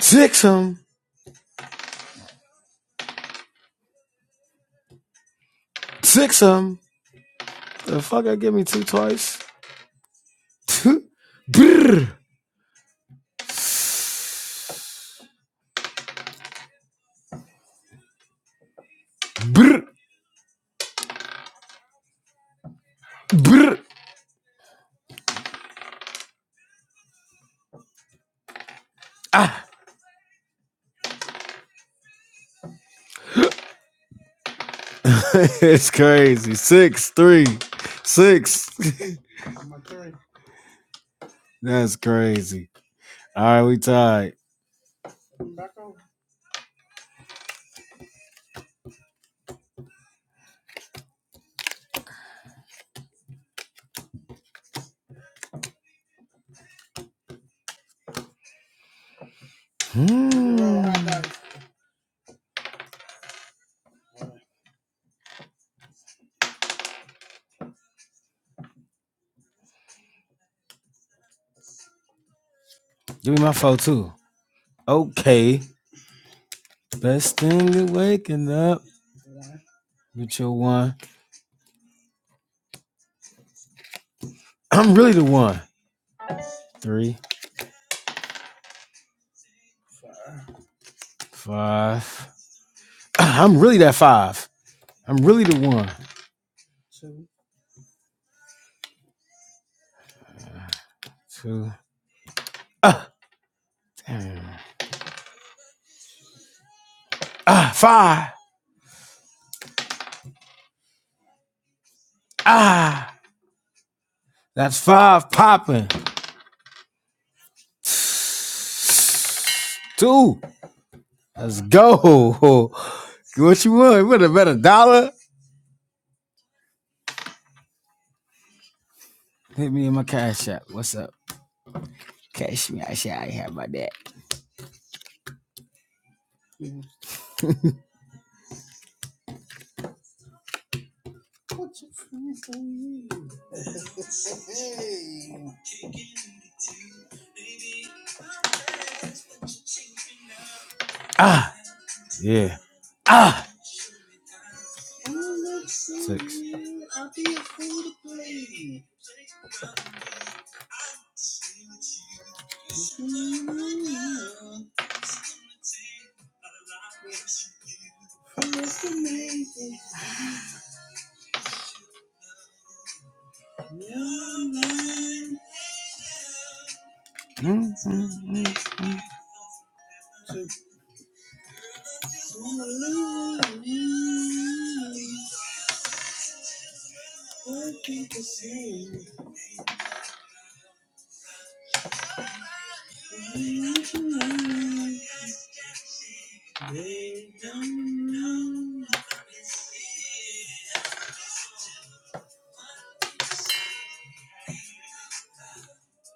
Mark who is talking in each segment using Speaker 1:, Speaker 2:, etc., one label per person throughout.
Speaker 1: Six, six, Six 'em. The fuck I give me two twice. Two, brr. Brr. Brr. Ah. it's crazy. Six, three, six. That's crazy. All right, we tied. Hmm. Give me my four too. Okay. Best thing to waking up with your one. I'm really the one. Three, five. Ah, I'm really that five. I'm really the one. Two. Ah, damn. Ah, five. Ah, that's five popping. Two. Let's go. What you want? You want a better dollar? Hit me in my cash app. What's up? Cash me. I say I ain't have my dad. Ah, yeah. Ah. Six. Mm, mm,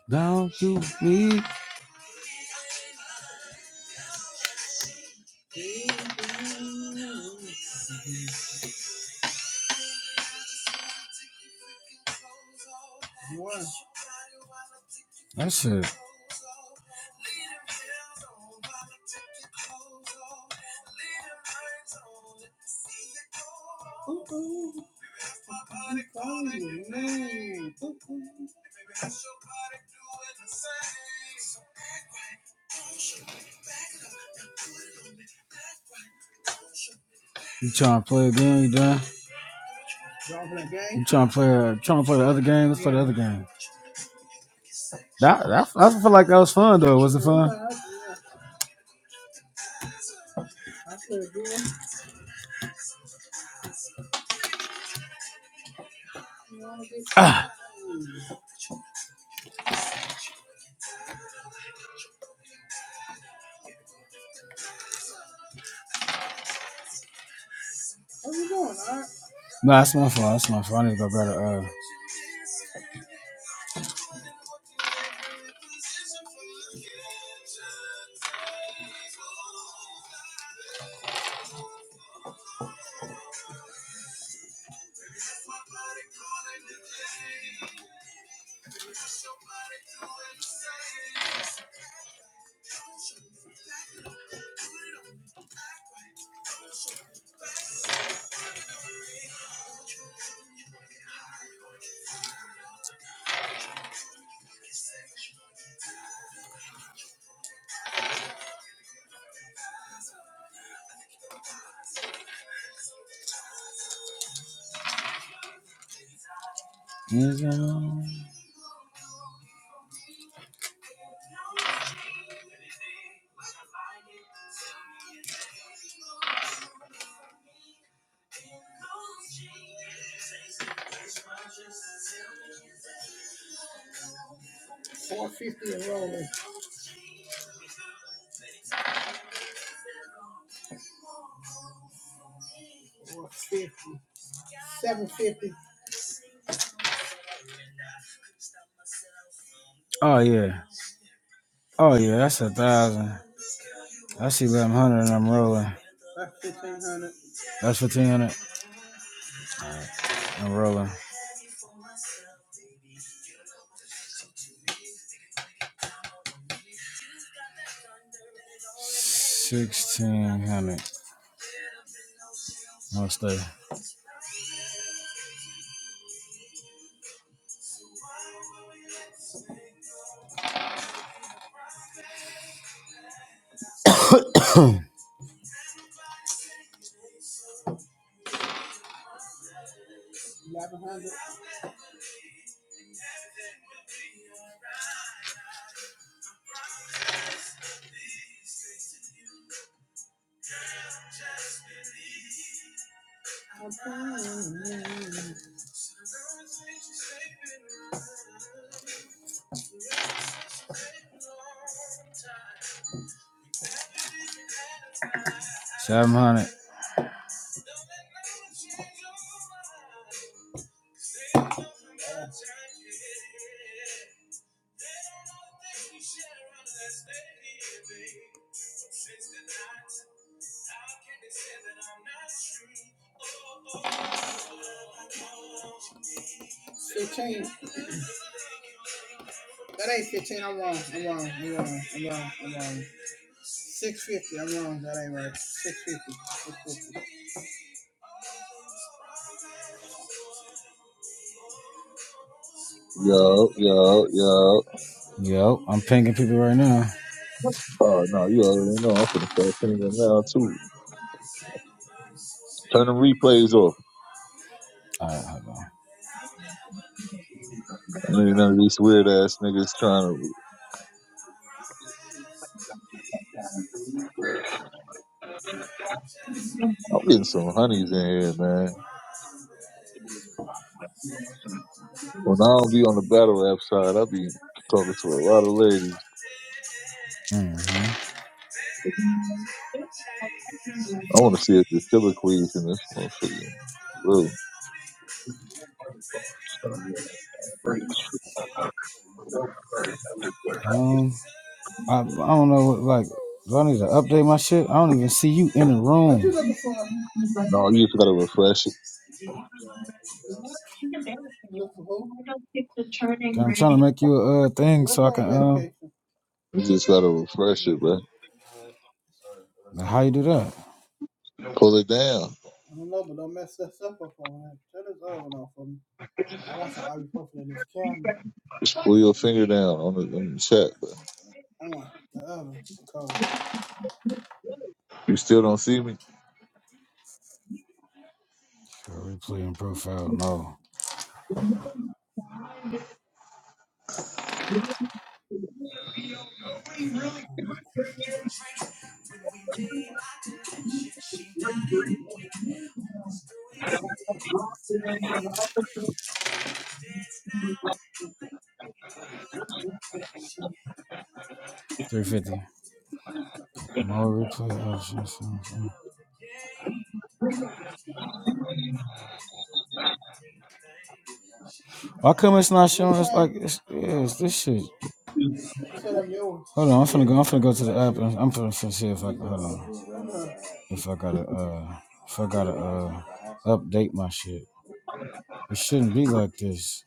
Speaker 1: Down to me. What? That shit. Ooh, You trying to play a game, you done? You trying to play? Uh, trying to play the other game? Let's play the other game. That, that I feel like that was fun though. Was it fun? Ah, no, that's my fault. That's my fault. I need to go better. Uh, oh yeah, oh yeah. That's a thousand. That's eleven hundred, and I'm rolling. That's fifteen hundred. I'm rolling. Sixteen hundred. No stay. Seven hundred.
Speaker 2: Yo, yo, yo.
Speaker 1: Yo, I'm pinging people right now.
Speaker 2: Oh no, you already know I'm finna start singing now too. Turn them replays off.
Speaker 1: All right, hold on.
Speaker 2: I mean, none of these weird ass niggas trying to. I'm getting some honeys in here, man. When I don't be on the battle app side, I be talking to a lot of ladies.
Speaker 1: Mm.
Speaker 2: I want to see if there's colloquies in this motherfucker. Bro,
Speaker 1: Um, I, I don't know what like. Do I need to update my shit? I don't even see you in the room. What you looking for?
Speaker 2: no, you just gotta refresh it.
Speaker 1: I'm trying to make you a uh, thing so I can. Um,
Speaker 2: You just gotta refresh it, bro.
Speaker 1: how you do that?
Speaker 2: Pull it down. Just pull your finger down on the, on the chat, bro. You still don't see me?
Speaker 1: Replay and profile. No. 350. More replay options. Why come it's not showing? It's like it's, yeah, it's this shit. Hold on, I'm finna go. I'm finna go to the app. And I'm finna, finna see if I hold on. If I gotta uh, if I gotta uh, update my shit. It shouldn't be like this.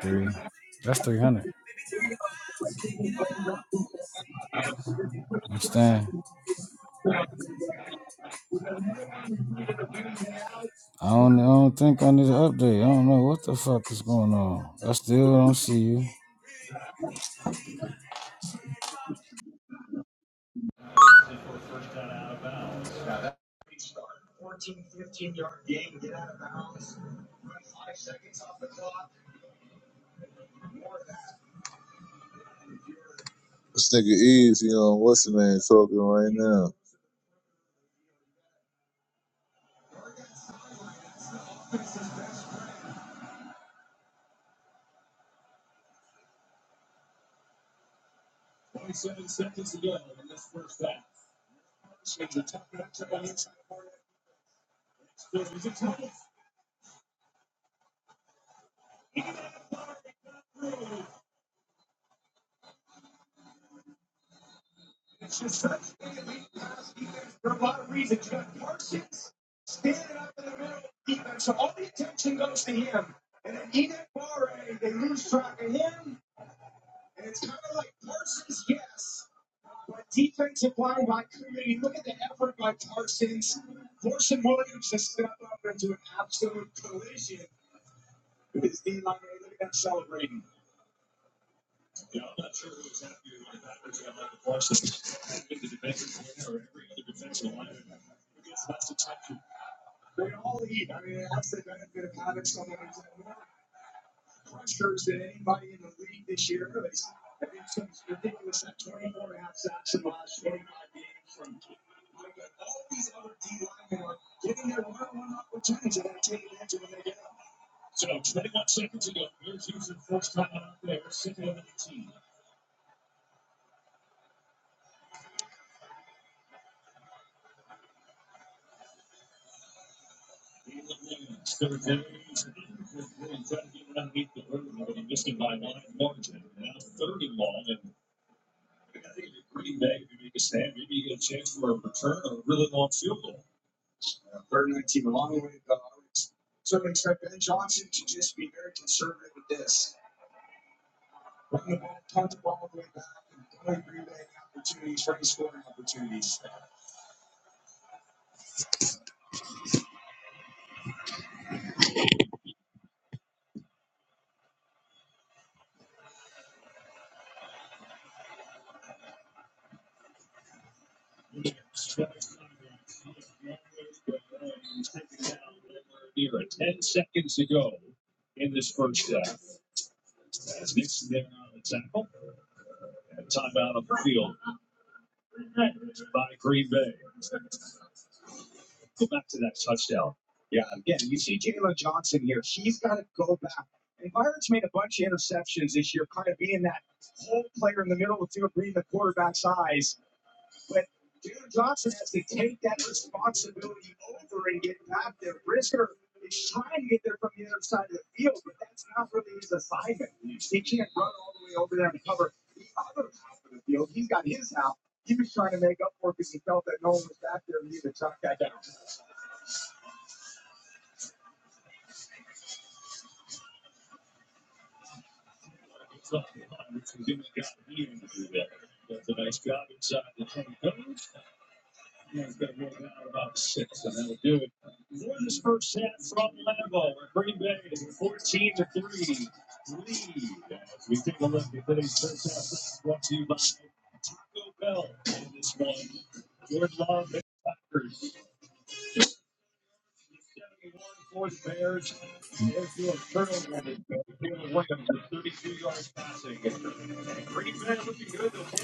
Speaker 1: Three. That's 300. Understand? I don't, I don't think I need an update. I don't know what the fuck is going on. I still don't see you.
Speaker 2: This nigga Easy on what's his name talking right now.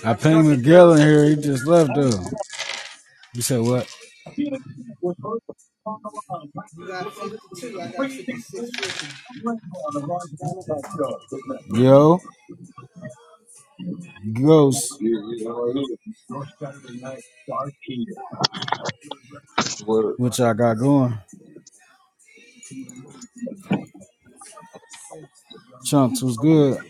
Speaker 1: I pinged Miguel in here. He just left though. You said what? Yo, Ghost,
Speaker 2: What-
Speaker 1: which I got going. Chunks was good.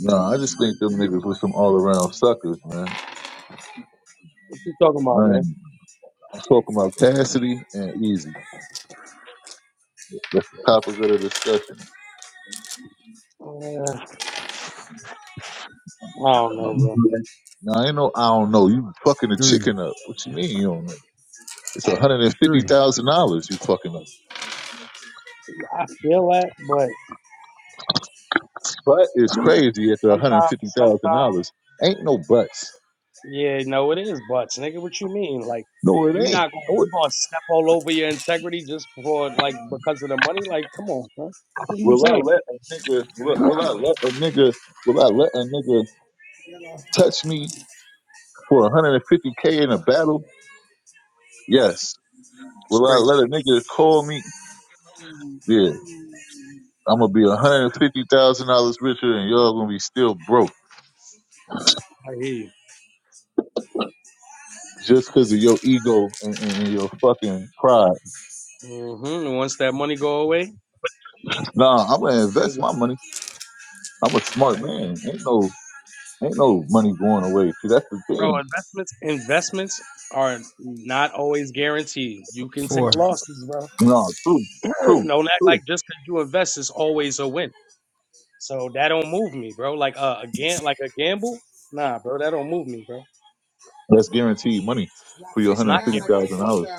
Speaker 2: No, I just think them niggas were some all around suckers, man.
Speaker 3: What you talking about,
Speaker 2: I ain't,
Speaker 3: man?
Speaker 2: I'm talking about Cassidy and Easy. That's the topic of the discussion.
Speaker 3: Uh, I don't know, bro.
Speaker 2: Now, ain't no, I don't know. You fucking a
Speaker 1: Three,
Speaker 2: chicken up. What you mean you don't know? It's
Speaker 3: I,
Speaker 1: three,
Speaker 2: $150,000 you fucking up.
Speaker 3: I feel that, but
Speaker 2: But it's crazy at the
Speaker 3: sometimes, sometimes,
Speaker 2: $150,000. Ain't no buts.
Speaker 3: yeah, no, it is butts, nigga. What you mean? Like,
Speaker 2: No,
Speaker 3: you
Speaker 2: it ain't.
Speaker 3: not gonna
Speaker 2: No,
Speaker 3: you
Speaker 2: it,
Speaker 3: gonna step all over your integrity just for like because of the money? Like, come on, son. What are you
Speaker 2: will I
Speaker 3: saying?
Speaker 2: let a nigga, will, will I let a nigga, will I let a nigga touch me for 150K in a battle? Yes.
Speaker 3: It's
Speaker 2: Will I
Speaker 3: crazy.
Speaker 2: let a nigga call me? Yeah, I'm gonna be one hundred and fifty thousand dollars richer, and y'all gonna be still broke
Speaker 3: I hear you.
Speaker 2: just because of your ego and, and, your fucking pride.
Speaker 3: Mm-hmm. And once that money go away,
Speaker 2: Nah, I'm gonna
Speaker 3: then
Speaker 2: invest
Speaker 3: what?
Speaker 2: my money. I'm a
Speaker 3: All
Speaker 2: smart
Speaker 3: right,
Speaker 2: man. Ain't no, ain't no money going away. See, that's the
Speaker 3: bro.
Speaker 2: thing.
Speaker 3: Investments, investments are not always guaranteed. You can take
Speaker 1: four.
Speaker 3: losses, bro.
Speaker 2: No, true,
Speaker 3: Don't
Speaker 2: true,
Speaker 3: act like
Speaker 2: true.
Speaker 3: like, just because you invest is always a win. So that don't move me, bro. Like uh, a gam- like a gamble, nah, bro. That don't move me, bro.
Speaker 2: That's guaranteed money for your
Speaker 3: It's
Speaker 2: hundred
Speaker 3: not
Speaker 2: and fifty
Speaker 3: guaranteed
Speaker 2: thousand
Speaker 3: money.
Speaker 2: dollars.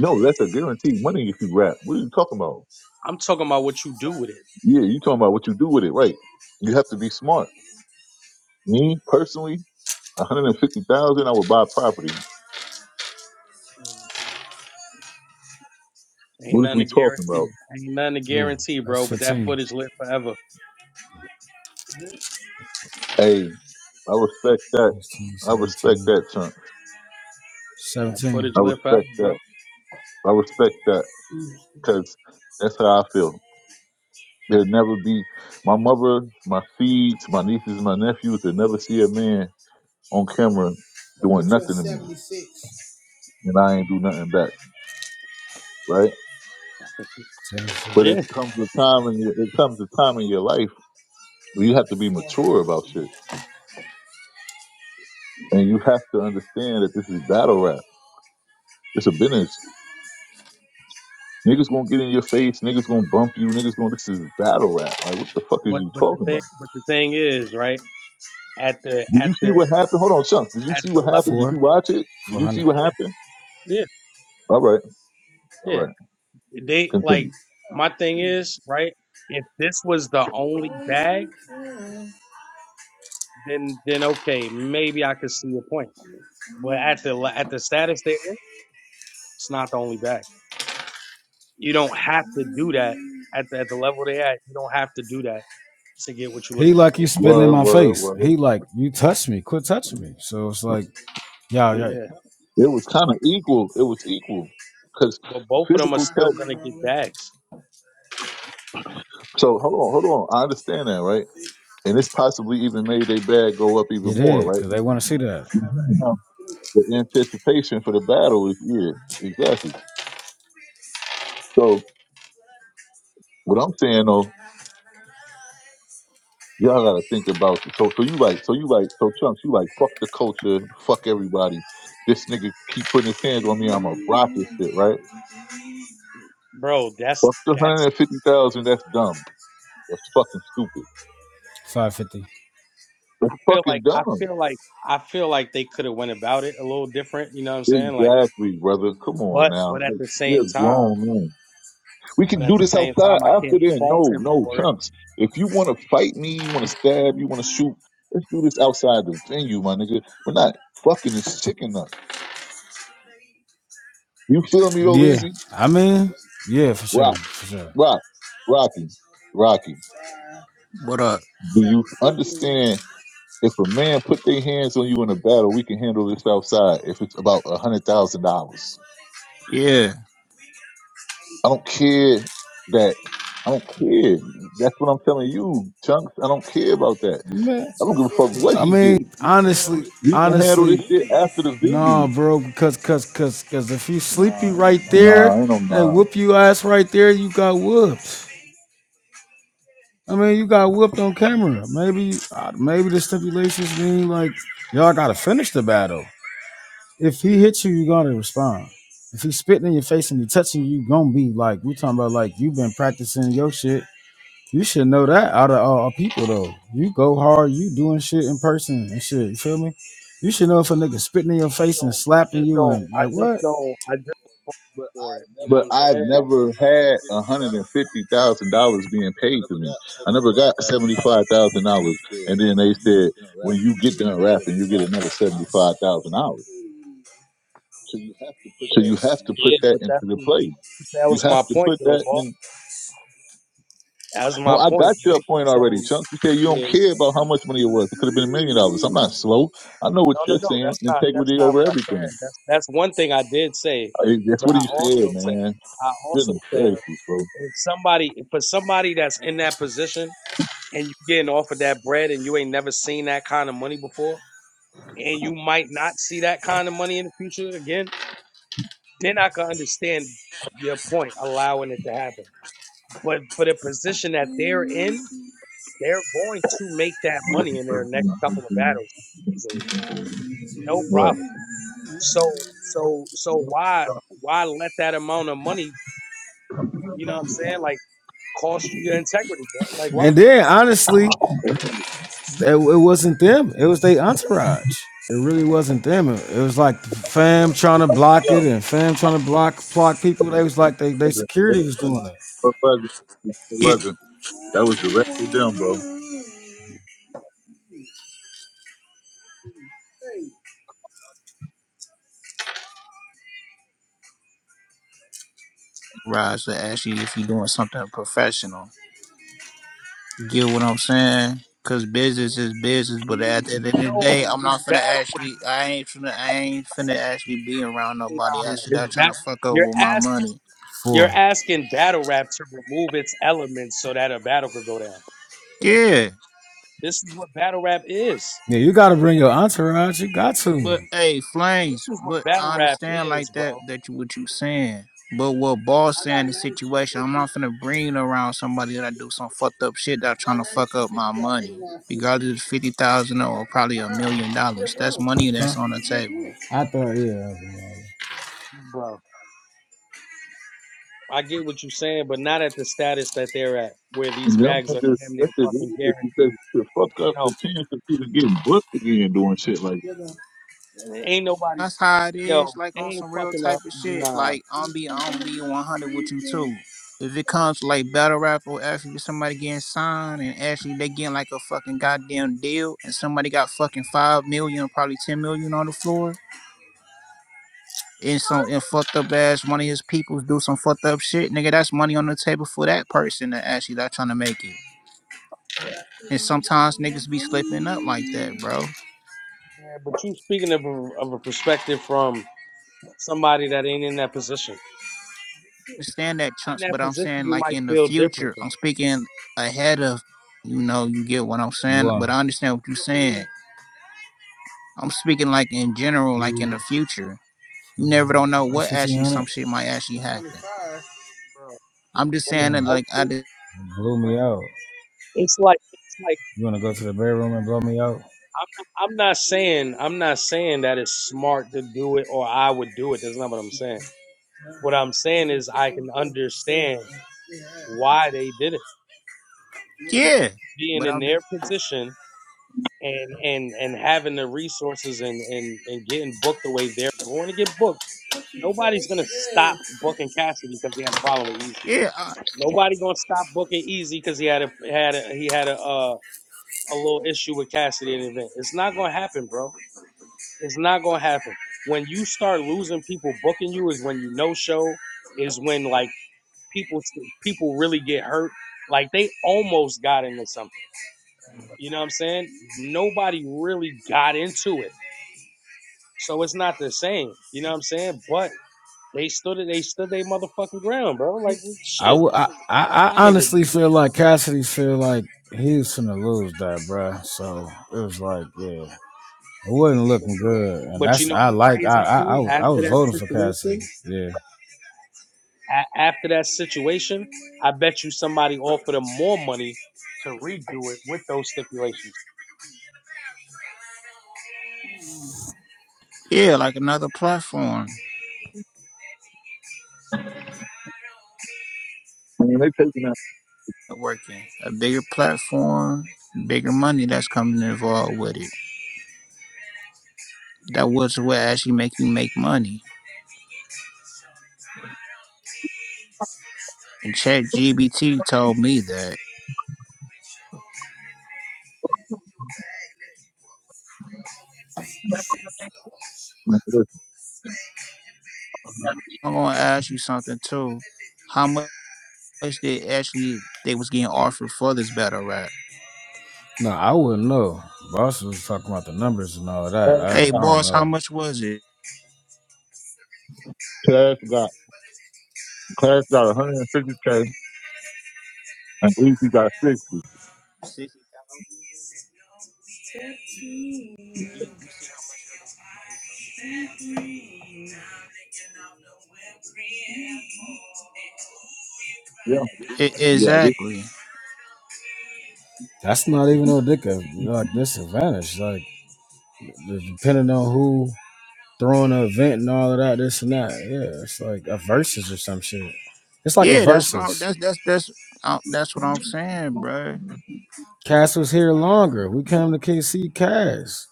Speaker 2: No, that's a guaranteed money if you rap. What are you talking about?
Speaker 3: I'm talking about what you do with it.
Speaker 2: Yeah, you talking about what you do with it, right? You have to be smart. Me personally, 150,000, I would buy property.
Speaker 3: Mm, Ain't
Speaker 2: What is
Speaker 3: nothing
Speaker 2: we
Speaker 3: to
Speaker 2: talking
Speaker 3: guarantee.
Speaker 2: about?
Speaker 3: Ain't nothing to
Speaker 1: Oh,
Speaker 3: guarantee,
Speaker 1: that's
Speaker 3: bro. But that
Speaker 1: 15.
Speaker 3: footage live forever.
Speaker 2: Hey, I respect that.
Speaker 1: 16,
Speaker 2: I respect
Speaker 1: 17,
Speaker 2: that, chunk.
Speaker 3: That
Speaker 1: 17,
Speaker 3: footage
Speaker 2: I
Speaker 3: live forever,
Speaker 2: respect
Speaker 3: bro.
Speaker 2: that. I respect that because that's how I feel. There'll never be my mother, my seeds, my nieces, my nephews. They'll never see a man on camera doing nothing to me, and I ain't
Speaker 3: Mhm.
Speaker 2: do nothing back, right?
Speaker 1: 10,
Speaker 2: But it
Speaker 3: Yeah,
Speaker 2: comes a time, and it comes a time in your life where you have to be mature about shit, and you have to understand that this is battle rap. It's a business Niggas gonna get in your face. Niggas gonna bump you. Niggas gonna. This is battle rap. Like, what the fuck is
Speaker 3: but
Speaker 2: you
Speaker 3: but the
Speaker 2: talking
Speaker 3: thing
Speaker 2: about?
Speaker 3: but the thing is, right at the
Speaker 2: Did
Speaker 3: at
Speaker 2: you see
Speaker 3: the
Speaker 2: what happened? Hold on, chunks. Did you
Speaker 3: at
Speaker 2: see
Speaker 3: the
Speaker 2: what happened?
Speaker 3: level,
Speaker 2: Did you
Speaker 1: 4,
Speaker 2: watch it? Did you see
Speaker 1: 400.
Speaker 2: what
Speaker 3: yeah,
Speaker 2: happened?
Speaker 3: yeah,
Speaker 2: All right, all
Speaker 3: yeah.
Speaker 2: right.
Speaker 3: They
Speaker 2: Continue.
Speaker 3: like my thing is, right? If this was the only bag. then then okay, maybe I could see your point. But at the at the status they're in, it's not the only bag. You don't have to do that at the, at the level they're at. You don't have to do that to get what you're
Speaker 1: He
Speaker 3: looking
Speaker 1: like
Speaker 3: for.
Speaker 1: you spitting in
Speaker 2: Word,
Speaker 1: my
Speaker 2: word,
Speaker 1: face.
Speaker 2: word.
Speaker 1: He like you touch me. Quit touching me. So it's like, y'all,
Speaker 3: Oh,
Speaker 1: y'all
Speaker 3: yeah,
Speaker 2: It was kind of equal. It was equal because
Speaker 3: but both of them are
Speaker 2: physical
Speaker 3: still
Speaker 2: touch.
Speaker 3: gonna get bags,
Speaker 2: So hold on, hold on. I understand that, right? And this possibly even made their bag go up
Speaker 1: you
Speaker 2: even more,
Speaker 1: did
Speaker 2: right?
Speaker 1: because they want to see that
Speaker 2: Mhm. The anticipation for the battle is yeah, exactly. So what I'm saying though Y'all gotta think about this. So so you like so you like so chunks, you like fuck the culture, fuck everybody. This nigga keep putting his hands on me, I'm a rocket shit, right?
Speaker 3: bro. That's
Speaker 2: Fuck the hundred
Speaker 3: that's.
Speaker 2: and fifty thousand, that's dumb. That's fucking stupid.
Speaker 1: five fifty.
Speaker 2: That's
Speaker 3: I feel like
Speaker 2: fucking
Speaker 3: I
Speaker 2: dumb.
Speaker 3: feel like I feel like they could have went about it a little different. You know what I'm saying? Like,
Speaker 2: Exactly, brother. Come on
Speaker 3: but
Speaker 2: now.
Speaker 3: but at
Speaker 2: Like,
Speaker 3: the same
Speaker 2: we're
Speaker 3: time,
Speaker 2: grown men. We
Speaker 3: but
Speaker 2: can
Speaker 3: at
Speaker 2: do
Speaker 3: the
Speaker 2: this
Speaker 3: same
Speaker 2: outside
Speaker 3: time, I can't
Speaker 2: after then.
Speaker 3: fault
Speaker 2: No,
Speaker 3: him
Speaker 2: no,
Speaker 3: for it.
Speaker 2: chunks. If you wanna fight me, you wanna stab, you wanna shoot, let's do this outside the venue, my nigga. We're not fucking this chicken up. You feel me though,
Speaker 1: Yeah,
Speaker 2: Easy?
Speaker 1: I mean, yeah, for sure, for sure.
Speaker 2: Rock, Rocky, Rocky,
Speaker 4: What up?
Speaker 2: do you understand if a man put their hands on you in a battle, we can handle this outside if it's about a hundred thousand dollars.
Speaker 4: Yeah.
Speaker 2: I don't care that I don't care. That's what I'm telling you, Chunks. I don't care about that.
Speaker 1: Man,
Speaker 2: I don't give a fuck what
Speaker 1: I
Speaker 2: he
Speaker 1: mean,
Speaker 2: did.
Speaker 1: honestly,
Speaker 2: We can handle this
Speaker 1: honestly,
Speaker 2: shit after the
Speaker 1: nah,
Speaker 2: venue.
Speaker 1: bro, because because because because if you sleepy right there
Speaker 2: Nah, ain't no
Speaker 1: and they
Speaker 2: nah.
Speaker 1: whoop you ass right there, you got whooped. I mean, you got whooped on camera. Maybe uh, maybe the stipulations mean like y'all got to finish the battle. if he hits you, you're gonna respond. If he's spitting in your face and he touching you, you gonna be like, we talking about like you've been practicing your shit. You should know that out of all people though. You go hard, you doing shit in person and shit. You feel me? You should know if a nigga spitting in your face and
Speaker 3: I
Speaker 1: slapping
Speaker 3: just
Speaker 1: you
Speaker 3: don't.
Speaker 1: and
Speaker 3: I
Speaker 1: like
Speaker 3: just
Speaker 1: what?
Speaker 3: don't. I just for it. You know what
Speaker 2: but
Speaker 3: I'm
Speaker 2: I've
Speaker 3: saying?
Speaker 2: never had a hundred and fifty thousand dollars being paid to me. I never got seventy five thousand dollars, and then they said when you get done rapping, you get another seventy five thousand dollars. So you have to
Speaker 3: Yeah,
Speaker 2: put that
Speaker 3: but
Speaker 2: into
Speaker 3: that's
Speaker 2: the play.
Speaker 3: that
Speaker 2: You
Speaker 3: was
Speaker 2: have
Speaker 3: my
Speaker 2: to
Speaker 3: point,
Speaker 2: put
Speaker 3: though,
Speaker 2: that
Speaker 3: boy.
Speaker 2: in.
Speaker 3: That was
Speaker 2: No,
Speaker 3: my
Speaker 2: I
Speaker 3: point,
Speaker 2: got your
Speaker 3: right?
Speaker 2: point
Speaker 3: So
Speaker 2: already, Chunk. You said you don't
Speaker 3: yeah,
Speaker 2: care about how much money it was. It could have been a million dollars. I'm not slow. I know what
Speaker 3: no, no,
Speaker 2: you're
Speaker 3: no.
Speaker 2: saying.
Speaker 3: That's not that's
Speaker 2: Integrity
Speaker 3: not
Speaker 2: over
Speaker 3: what I
Speaker 2: everything.
Speaker 3: said. That's that's one thing I did say,
Speaker 2: I, that's
Speaker 3: but
Speaker 2: what
Speaker 3: I
Speaker 2: you said,
Speaker 3: also said
Speaker 2: man.
Speaker 3: I also
Speaker 2: Goodness
Speaker 3: said
Speaker 2: gracious, bro.
Speaker 3: if somebody for somebody that's in that position and you getting offered that bread and you ain't never seen that kind of money before and you might not see that kind of money in the future again, then I can understand your point allowing it to happen. But for the position that they're in they're going to make that money in their next couple of battles easily, no
Speaker 2: Right.
Speaker 3: problem. So, so, so why, why let that amount of money, you know what I'm saying, like cost you your integrity, bro? Like, why?
Speaker 1: And then honestly, it, it wasn't them. It was their entourage. It really wasn't them. It, it was like fam trying to block it
Speaker 2: No,
Speaker 1: and fam trying to block block people. They was like they, they
Speaker 2: it wasn't.
Speaker 1: security was doing it
Speaker 2: It wasn't. It
Speaker 4: It
Speaker 2: wasn't. That was direct with them, bro.
Speaker 4: Rise to ask you if you're doing something professional. Get what I'm saying? Cause business is business, but at the end of the
Speaker 3: No,
Speaker 4: day, I'm
Speaker 3: it's
Speaker 4: not
Speaker 3: bad.
Speaker 4: finna actually. I ain't finna. I ain't finna actually be around nobody.
Speaker 3: nah,
Speaker 4: Actually,
Speaker 3: It's
Speaker 4: that trying
Speaker 3: bad.
Speaker 4: to fuck up
Speaker 3: You're
Speaker 4: with my
Speaker 3: asking,
Speaker 4: money.
Speaker 3: you're
Speaker 1: for.
Speaker 3: asking battle rap to remove its elements so that a battle could go down.
Speaker 4: Yeah.
Speaker 3: This is what battle rap is.
Speaker 1: Yeah, you gotta bring your entourage. You got to.
Speaker 4: but but hey,
Speaker 3: This
Speaker 4: Flames,
Speaker 3: is what
Speaker 4: but
Speaker 3: battle
Speaker 4: I
Speaker 3: rap
Speaker 4: understand
Speaker 3: is,
Speaker 4: like that
Speaker 3: bro.
Speaker 4: that you what you saying. But what boss saying the situation, I'm not finna bring around somebody that do some fucked up shit that trying to fuck up my money. Regardless of fifty thousand or probably a million dollars. That's money
Speaker 1: Huh?
Speaker 4: that's on the table.
Speaker 1: I thought, yeah.
Speaker 3: Bro. I get what you're saying, but not at the status that they're at, where these
Speaker 2: And them
Speaker 3: bags are
Speaker 2: niggas,
Speaker 3: damn near
Speaker 2: that's it. It
Speaker 3: fucking
Speaker 2: is because
Speaker 3: guaranteed.
Speaker 2: the fuck up
Speaker 3: No,
Speaker 2: the chance of people getting booked again doing shit like that.
Speaker 3: ain't nobody,
Speaker 4: That's how it
Speaker 3: yo,
Speaker 4: is, like on
Speaker 3: ain't
Speaker 4: some real
Speaker 3: fucking up,
Speaker 4: type of shit.
Speaker 3: nah.
Speaker 4: Like I'm be I'm be 100 with you too. If it comes to like battle rap or actually somebody getting signed and actually they getting like a fucking goddamn deal and somebody got fucking five million, probably ten million on the floor and some and fucked up ass one of his peoples do some fucked up shit, nigga, that's money on the table for that person that actually not trying to make it. And sometimes niggas be slipping up like that, bro.
Speaker 3: Man, but you speaking of a, of a perspective from somebody that ain't in that position.
Speaker 4: understand that, Chunks,
Speaker 3: In that
Speaker 4: but I'm
Speaker 3: position,
Speaker 4: saying
Speaker 3: you
Speaker 4: like
Speaker 3: might
Speaker 4: in the
Speaker 3: feel different,
Speaker 4: future. I'm speaking ahead of, you know, you get what I'm saying.
Speaker 1: One,
Speaker 4: But I understand what you're saying. I'm speaking like in general, like
Speaker 1: two,
Speaker 4: in the future. You never don't know
Speaker 1: that's
Speaker 4: what
Speaker 1: fifteen
Speaker 4: actually
Speaker 1: hundred.
Speaker 4: some shit might actually happen.
Speaker 3: bro.
Speaker 4: I'm just
Speaker 3: I mean,
Speaker 4: saying that, like I
Speaker 3: everything-
Speaker 4: did,
Speaker 1: Blew me out.
Speaker 3: It's like it's like
Speaker 1: You wanna go to the bedroom and blow me out?
Speaker 3: I'm not, I'm not saying I'm not saying that it's smart to do it or I would do it. That's not what I'm saying. What I'm saying is I can understand why they did it
Speaker 4: yeah.
Speaker 3: being
Speaker 4: But
Speaker 3: in
Speaker 4: I'm just,
Speaker 3: their position and and and having the resources and and and getting booked the way they're going to get booked. Nobody's gonna stop booking Cassidy because he had a problem with Easy.
Speaker 4: yeah, I,
Speaker 3: Nobody gonna stop booking Easy because he had a had a he had a uh, a little issue with Cassidy in the event. It's not gonna happen, bro. It's not gonna happen. When you start losing people booking you is when you no show. Is when like people people really get hurt. Like they almost got into something. You know what I'm saying? Nobody really got into it. So it's not the same. You know what I'm saying? But they stood it, they stood their motherfucking ground, bro. Like
Speaker 1: I
Speaker 3: shit.
Speaker 1: would. I, I, I
Speaker 3: My nigga.
Speaker 1: honestly feel like Cassidy feel like he was gonna lose that, bruh. So it was like, yeah, it wasn't looking good. And
Speaker 3: But you
Speaker 1: that's
Speaker 3: know
Speaker 1: I
Speaker 3: what's
Speaker 1: like. I
Speaker 3: crazy
Speaker 1: I, I
Speaker 3: too?
Speaker 1: was I
Speaker 3: After
Speaker 1: was
Speaker 3: that
Speaker 1: voting for Cassidy.
Speaker 3: situation,
Speaker 1: Yeah.
Speaker 3: a- after that situation, I bet you somebody offered them more money to redo it with those stipulations.
Speaker 4: yeah, like another platform
Speaker 2: Man, they taking that.
Speaker 4: working, a bigger platform, bigger money that's coming involved with it. That was what actually make you make money. And Chat GBT told me that.
Speaker 2: Man, listen,
Speaker 4: I'm gonna ask you something too. How much they actually they was getting offered for this battle rap?
Speaker 1: No, I wouldn't know. Boss was talking about the numbers and all that.
Speaker 2: Clarence
Speaker 1: I
Speaker 4: Hey
Speaker 2: got,
Speaker 1: I don't
Speaker 4: boss, how
Speaker 1: know.
Speaker 4: much was it?
Speaker 2: Clarence got Clarence got 150k and Easy got 60. Yeah,
Speaker 4: E-
Speaker 2: yeah. This,
Speaker 4: exactly.
Speaker 1: That's not even no dick of, like disadvantage. Like depending on who throwing the event and all of that, this and that. Yeah, it's like a versus or some shit. It's like a
Speaker 4: Yeah, that's what I'm,
Speaker 1: versus.
Speaker 4: that's that's that's uh, that's what I'm saying, bro.
Speaker 1: Cass was here longer. We came to KC Cass.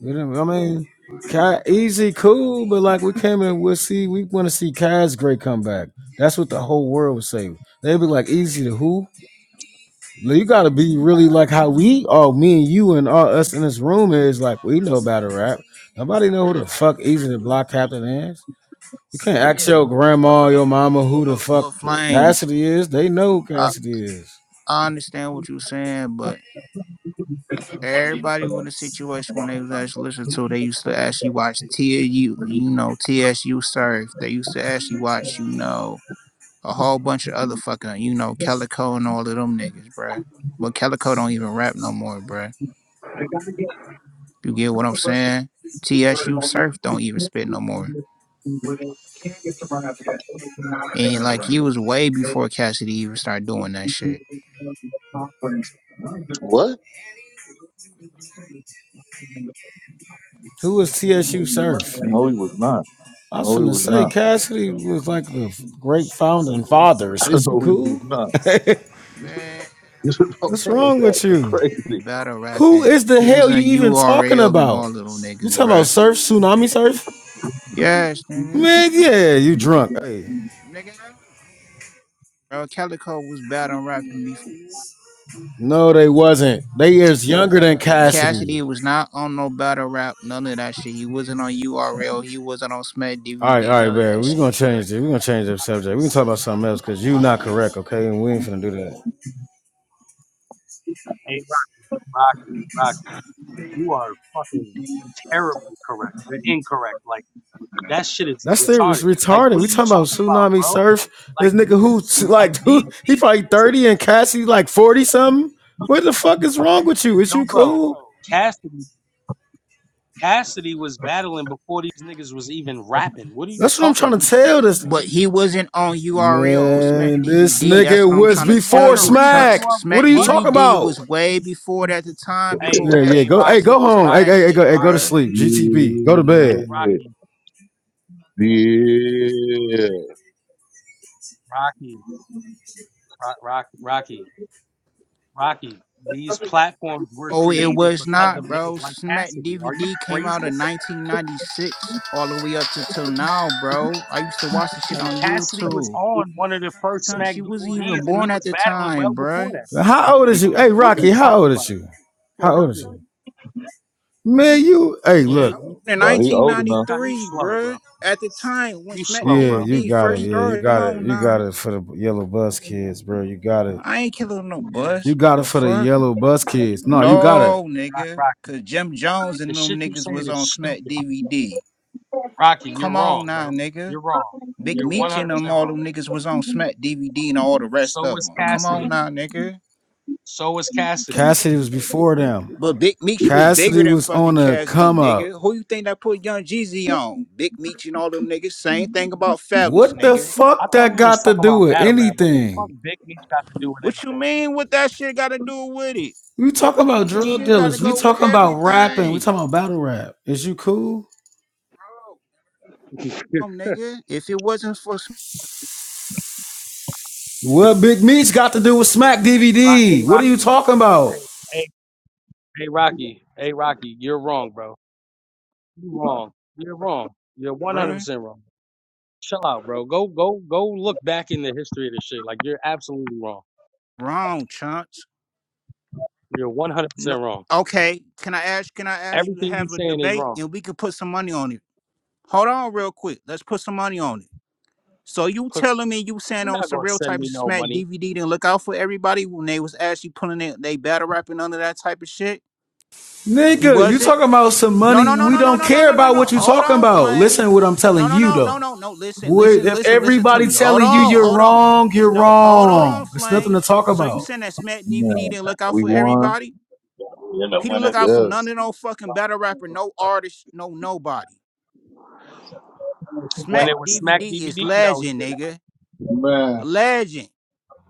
Speaker 1: You know, what I mean, Cass, easy, cool, but like we came in, we'll see. We want to see Cass great comeback. That's what the whole world would say. They'd be like, easy to who? You gotta be really like how we, oh, me and you and all us in this room is like we know about to rap. Nobody know who the fuck Easy the Block Captain is. You can't ask your grandma, your mama, who the
Speaker 4: But
Speaker 1: fuck
Speaker 4: but flames.
Speaker 1: Cassidy is. They know who
Speaker 4: I,
Speaker 1: Cassidy is.
Speaker 4: I understand what you're saying, but everybody was in a situation when they was actually listening to, they used to actually watch TSU, you know, TSU Surf. They used to actually watch, you know, a whole bunch of other fucking, you know, Calico and all of them niggas, bruh. But Calico don't even rap no more, bruh. You get what I'm saying? TSU Surf don't even spit no more. And like he was way before Cassidy even started doing that shit.
Speaker 2: what?
Speaker 1: Who is TSU Surf?
Speaker 2: No, he was not.
Speaker 1: I was
Speaker 2: No, he
Speaker 1: finna
Speaker 2: was
Speaker 1: say
Speaker 2: not.
Speaker 1: Cassidy was like the great founding fathers. Is you
Speaker 2: no, he was
Speaker 1: cool?
Speaker 2: not. This is my
Speaker 1: What's
Speaker 2: man is
Speaker 1: wrong with
Speaker 2: acting
Speaker 1: you?
Speaker 4: He
Speaker 2: crazy.
Speaker 4: battle
Speaker 1: Who
Speaker 4: rapping.
Speaker 1: is the
Speaker 4: He was
Speaker 1: hell
Speaker 4: in
Speaker 1: you even talking
Speaker 4: URL and
Speaker 1: about?
Speaker 4: all of them
Speaker 1: You
Speaker 4: niggas,
Speaker 1: talking about
Speaker 4: bruh.
Speaker 1: surf, tsunami surf?
Speaker 4: Yes, nigga.
Speaker 1: Man, yeah, you drunk. hey.
Speaker 4: bro. Calico was battle rapping before.
Speaker 1: No, they wasn't. They is younger than Cassidy.
Speaker 4: Cassidy was not on no battle rap, none of that shit. He wasn't on URL. He wasn't on Smack
Speaker 1: All right, all
Speaker 4: DVD,
Speaker 1: right,
Speaker 4: none of
Speaker 1: man.
Speaker 4: that
Speaker 1: We're gonna
Speaker 4: shit, bro.
Speaker 1: change it. We're gonna change the subject. We can talk about something else because you not correct, okay? And we ain't finna do that.
Speaker 3: Hey, Rock- Rocky, Rocky, you are fucking terribly correct, incorrect. Like that shit is
Speaker 1: That's serious
Speaker 3: retarded. Like,
Speaker 1: retarded.
Speaker 3: what are
Speaker 1: We
Speaker 3: you
Speaker 1: talking about
Speaker 3: talking about,
Speaker 1: tsunami
Speaker 3: bro?
Speaker 1: surf.
Speaker 3: Like,
Speaker 1: This nigga who
Speaker 3: Like
Speaker 1: like
Speaker 3: these
Speaker 1: who he
Speaker 3: these
Speaker 1: probably
Speaker 3: niggas,
Speaker 1: 30 and Cassidy like 40 something. What the fuck is wrong with you? Is
Speaker 3: yo,
Speaker 1: you
Speaker 3: bro,
Speaker 1: cool?
Speaker 3: Cassidy Cassidy was battling before these niggas was even rapping. What are you
Speaker 1: That's what I'm
Speaker 3: talking
Speaker 1: trying
Speaker 3: about?
Speaker 1: to tell this
Speaker 4: But he wasn't on URL or Smack
Speaker 1: man. This
Speaker 4: DVD. That's
Speaker 1: nigga
Speaker 4: what I'm
Speaker 3: Nigga,
Speaker 1: was
Speaker 4: trying
Speaker 3: he's
Speaker 4: to
Speaker 3: one
Speaker 4: tell
Speaker 3: of
Speaker 1: before
Speaker 3: the
Speaker 4: you,
Speaker 3: reasons
Speaker 4: Chucks.
Speaker 3: you
Speaker 1: smack.
Speaker 3: are
Speaker 1: What
Speaker 4: Smack
Speaker 1: are you
Speaker 3: what?
Speaker 1: talking
Speaker 4: DVD
Speaker 1: about?
Speaker 4: was way before that the time
Speaker 3: Hey,
Speaker 4: before
Speaker 1: Yeah, yeah.
Speaker 3: hey,
Speaker 4: Ashley
Speaker 1: Go, hey,
Speaker 3: Rocky,
Speaker 4: Cassidy
Speaker 1: go
Speaker 4: was
Speaker 1: home.
Speaker 4: on
Speaker 1: Hey,
Speaker 4: that
Speaker 3: Rocky,
Speaker 1: hey, hey, go,
Speaker 4: shit,
Speaker 1: hey, go to
Speaker 3: Rocky,
Speaker 4: bro.
Speaker 1: sleep. GTB. Go to bed.
Speaker 3: hey,
Speaker 2: Yeah,
Speaker 3: Rocky,
Speaker 2: yeah. yeah.
Speaker 3: Rocky, Rock, Rocky, Rocky, Rocky. These platforms were
Speaker 4: Oh, it
Speaker 3: created
Speaker 4: was
Speaker 3: because of
Speaker 4: not,
Speaker 3: niggas
Speaker 4: bro.
Speaker 3: like
Speaker 4: Smack
Speaker 3: Cassidy. Are you
Speaker 4: DVD came out
Speaker 3: crazy?
Speaker 4: in 1996 all the way up to till now, bro. I used to watch the shit
Speaker 3: And
Speaker 4: on
Speaker 3: Cassidy was
Speaker 4: YouTube.
Speaker 3: on one of the first
Speaker 4: time-
Speaker 3: Smack
Speaker 4: She wasn't
Speaker 3: DVDs,
Speaker 4: even
Speaker 3: and he
Speaker 4: born at
Speaker 3: was
Speaker 4: the
Speaker 3: battling well
Speaker 4: time,
Speaker 3: before
Speaker 4: bruh.
Speaker 3: that.
Speaker 1: How old is you? Hey,
Speaker 3: What are you
Speaker 1: Rocky, how
Speaker 3: talking
Speaker 1: old
Speaker 3: about?
Speaker 1: is you?
Speaker 3: Yo,
Speaker 1: How old is
Speaker 3: this nigga.
Speaker 1: you? Man, you, hey,
Speaker 3: Yeah,
Speaker 1: look.
Speaker 4: In
Speaker 2: Bro, he
Speaker 3: Yeah,
Speaker 2: old
Speaker 3: you,
Speaker 2: enough.
Speaker 3: nah, you
Speaker 4: 1993,
Speaker 3: slow, bro.
Speaker 4: bruh. At the time when
Speaker 3: You
Speaker 4: Smack
Speaker 3: slow,
Speaker 1: Yeah,
Speaker 3: bro.
Speaker 1: you
Speaker 4: DVD
Speaker 1: got it.
Speaker 4: first
Speaker 1: Yeah, you
Speaker 4: started, come
Speaker 1: got it.
Speaker 4: on,
Speaker 1: You
Speaker 4: nah.
Speaker 1: got it for the yellow bus kids, bro. You got it.
Speaker 4: I ain't killing no
Speaker 3: Yeah,
Speaker 1: You
Speaker 4: bus.
Speaker 1: got it
Speaker 4: The
Speaker 1: for the
Speaker 4: fuck?
Speaker 1: yellow bus kids. No, you got it.
Speaker 4: No, nigga.
Speaker 3: Rocky.
Speaker 4: Cause Jim Jones
Speaker 3: The
Speaker 4: and them
Speaker 3: shit you're
Speaker 4: niggas
Speaker 3: saying
Speaker 4: was
Speaker 3: is
Speaker 4: on Smack
Speaker 3: stupid.
Speaker 4: DVD.
Speaker 3: Rocky, you're
Speaker 4: Come on
Speaker 3: wrong,
Speaker 4: now,
Speaker 3: bro.
Speaker 4: nigga.
Speaker 3: You're wrong.
Speaker 4: Big
Speaker 3: You're 100%
Speaker 4: Meech
Speaker 3: wrong.
Speaker 4: and them all them niggas was on Smack DVD and all the rest
Speaker 3: So
Speaker 4: of
Speaker 3: is
Speaker 4: them. Come on
Speaker 3: Cassidy.
Speaker 4: now, nigga.
Speaker 3: So is Cassidy.
Speaker 1: Cassidy was before them.
Speaker 4: But Big Meech was bigger
Speaker 1: Cassidy
Speaker 4: than
Speaker 1: was
Speaker 4: fucking
Speaker 1: on a
Speaker 4: Cassidy,
Speaker 1: come up.
Speaker 4: nigga. Who you think that put Young Jeezy on? Big Meech and all them niggas. Same thing
Speaker 3: What?
Speaker 4: about Fabulous,
Speaker 1: What the
Speaker 4: nigga.
Speaker 3: I
Speaker 1: fuck
Speaker 3: thought
Speaker 1: that
Speaker 3: we was
Speaker 1: got to
Speaker 3: talking
Speaker 1: do
Speaker 3: about
Speaker 1: with
Speaker 3: battle rap. What the fuck
Speaker 1: anything?
Speaker 3: Big Meech got to do with
Speaker 4: What you
Speaker 3: anything?
Speaker 4: mean? What that shit got to do with it?
Speaker 1: We talking about drug
Speaker 4: Shit got to
Speaker 1: dealers. We
Speaker 4: go with
Speaker 1: talking about rapping. We
Speaker 4: everything.
Speaker 1: talking about battle rap. Is you cool?
Speaker 4: Oh, nigga. If it wasn't for, Sm-
Speaker 1: What Big Meats got to do with Smack
Speaker 3: Ro- Hey,
Speaker 1: DVD? What are you
Speaker 3: Rocky.
Speaker 1: talking about?
Speaker 3: Hey, hey, hey, Rocky. Hey, Rocky. You're wrong, bro. You're wrong. You're wrong. You're
Speaker 4: bruh,
Speaker 3: 100% wrong. Chill out, bro. Go, go, go. Look back in the history of this shit. Like you're absolutely wrong.
Speaker 4: wrong, chunks.
Speaker 3: You're 100%
Speaker 4: No.
Speaker 3: wrong.
Speaker 4: Okay. Can I ask? Can I ask you to
Speaker 3: Everything you
Speaker 4: have a
Speaker 3: saying is
Speaker 4: debate
Speaker 3: wrong.
Speaker 4: and we could put some money on it? Hold on, real quick. Let's put some money on it. So you
Speaker 3: Put,
Speaker 4: telling me you saying
Speaker 3: you're
Speaker 4: on
Speaker 3: not
Speaker 4: some
Speaker 3: gonna
Speaker 4: real
Speaker 3: send
Speaker 4: type of
Speaker 3: me no
Speaker 4: smack
Speaker 3: money.
Speaker 4: DVD didn't look out for everybody when they was actually pulling it, they battle rapping under that type of shit? He
Speaker 3: Mm.
Speaker 1: Nigga, you
Speaker 4: wasn't.
Speaker 1: talking about some
Speaker 4: No, no,
Speaker 1: money?
Speaker 4: no,
Speaker 1: We
Speaker 4: no, no,
Speaker 1: don't
Speaker 4: no, no,
Speaker 1: care
Speaker 4: no, no,
Speaker 1: about
Speaker 4: no.
Speaker 1: what you
Speaker 4: Hold
Speaker 1: talking
Speaker 4: on,
Speaker 1: about. Listen to
Speaker 4: Flames.
Speaker 1: what I'm
Speaker 4: No,
Speaker 1: telling
Speaker 4: no,
Speaker 1: you
Speaker 4: no, no,
Speaker 1: though.
Speaker 4: no, no. Listen,
Speaker 1: Would-
Speaker 4: listen,
Speaker 1: If
Speaker 4: listen, listen to
Speaker 1: everybody
Speaker 4: me. Hold
Speaker 1: telling you
Speaker 4: on,
Speaker 1: you're
Speaker 4: hold on.
Speaker 1: wrong,
Speaker 4: So,
Speaker 1: you're
Speaker 4: no, hold on,
Speaker 1: wrong. There's nothing to
Speaker 4: Flames.
Speaker 1: talk
Speaker 4: So you
Speaker 1: about.
Speaker 4: saying that smack DVD
Speaker 2: Man,
Speaker 4: didn't look out
Speaker 2: we
Speaker 4: for
Speaker 2: won.
Speaker 4: everybody? He didn't look out for none
Speaker 2: Yes.
Speaker 4: of no fucking battle rapper, no artist, no nobody.
Speaker 3: When
Speaker 4: Smack
Speaker 3: it was
Speaker 4: DVD
Speaker 3: Smack
Speaker 4: is
Speaker 3: DVD, no, he
Speaker 4: legend,
Speaker 3: did it.
Speaker 4: nigga. A
Speaker 2: Man,
Speaker 4: legend.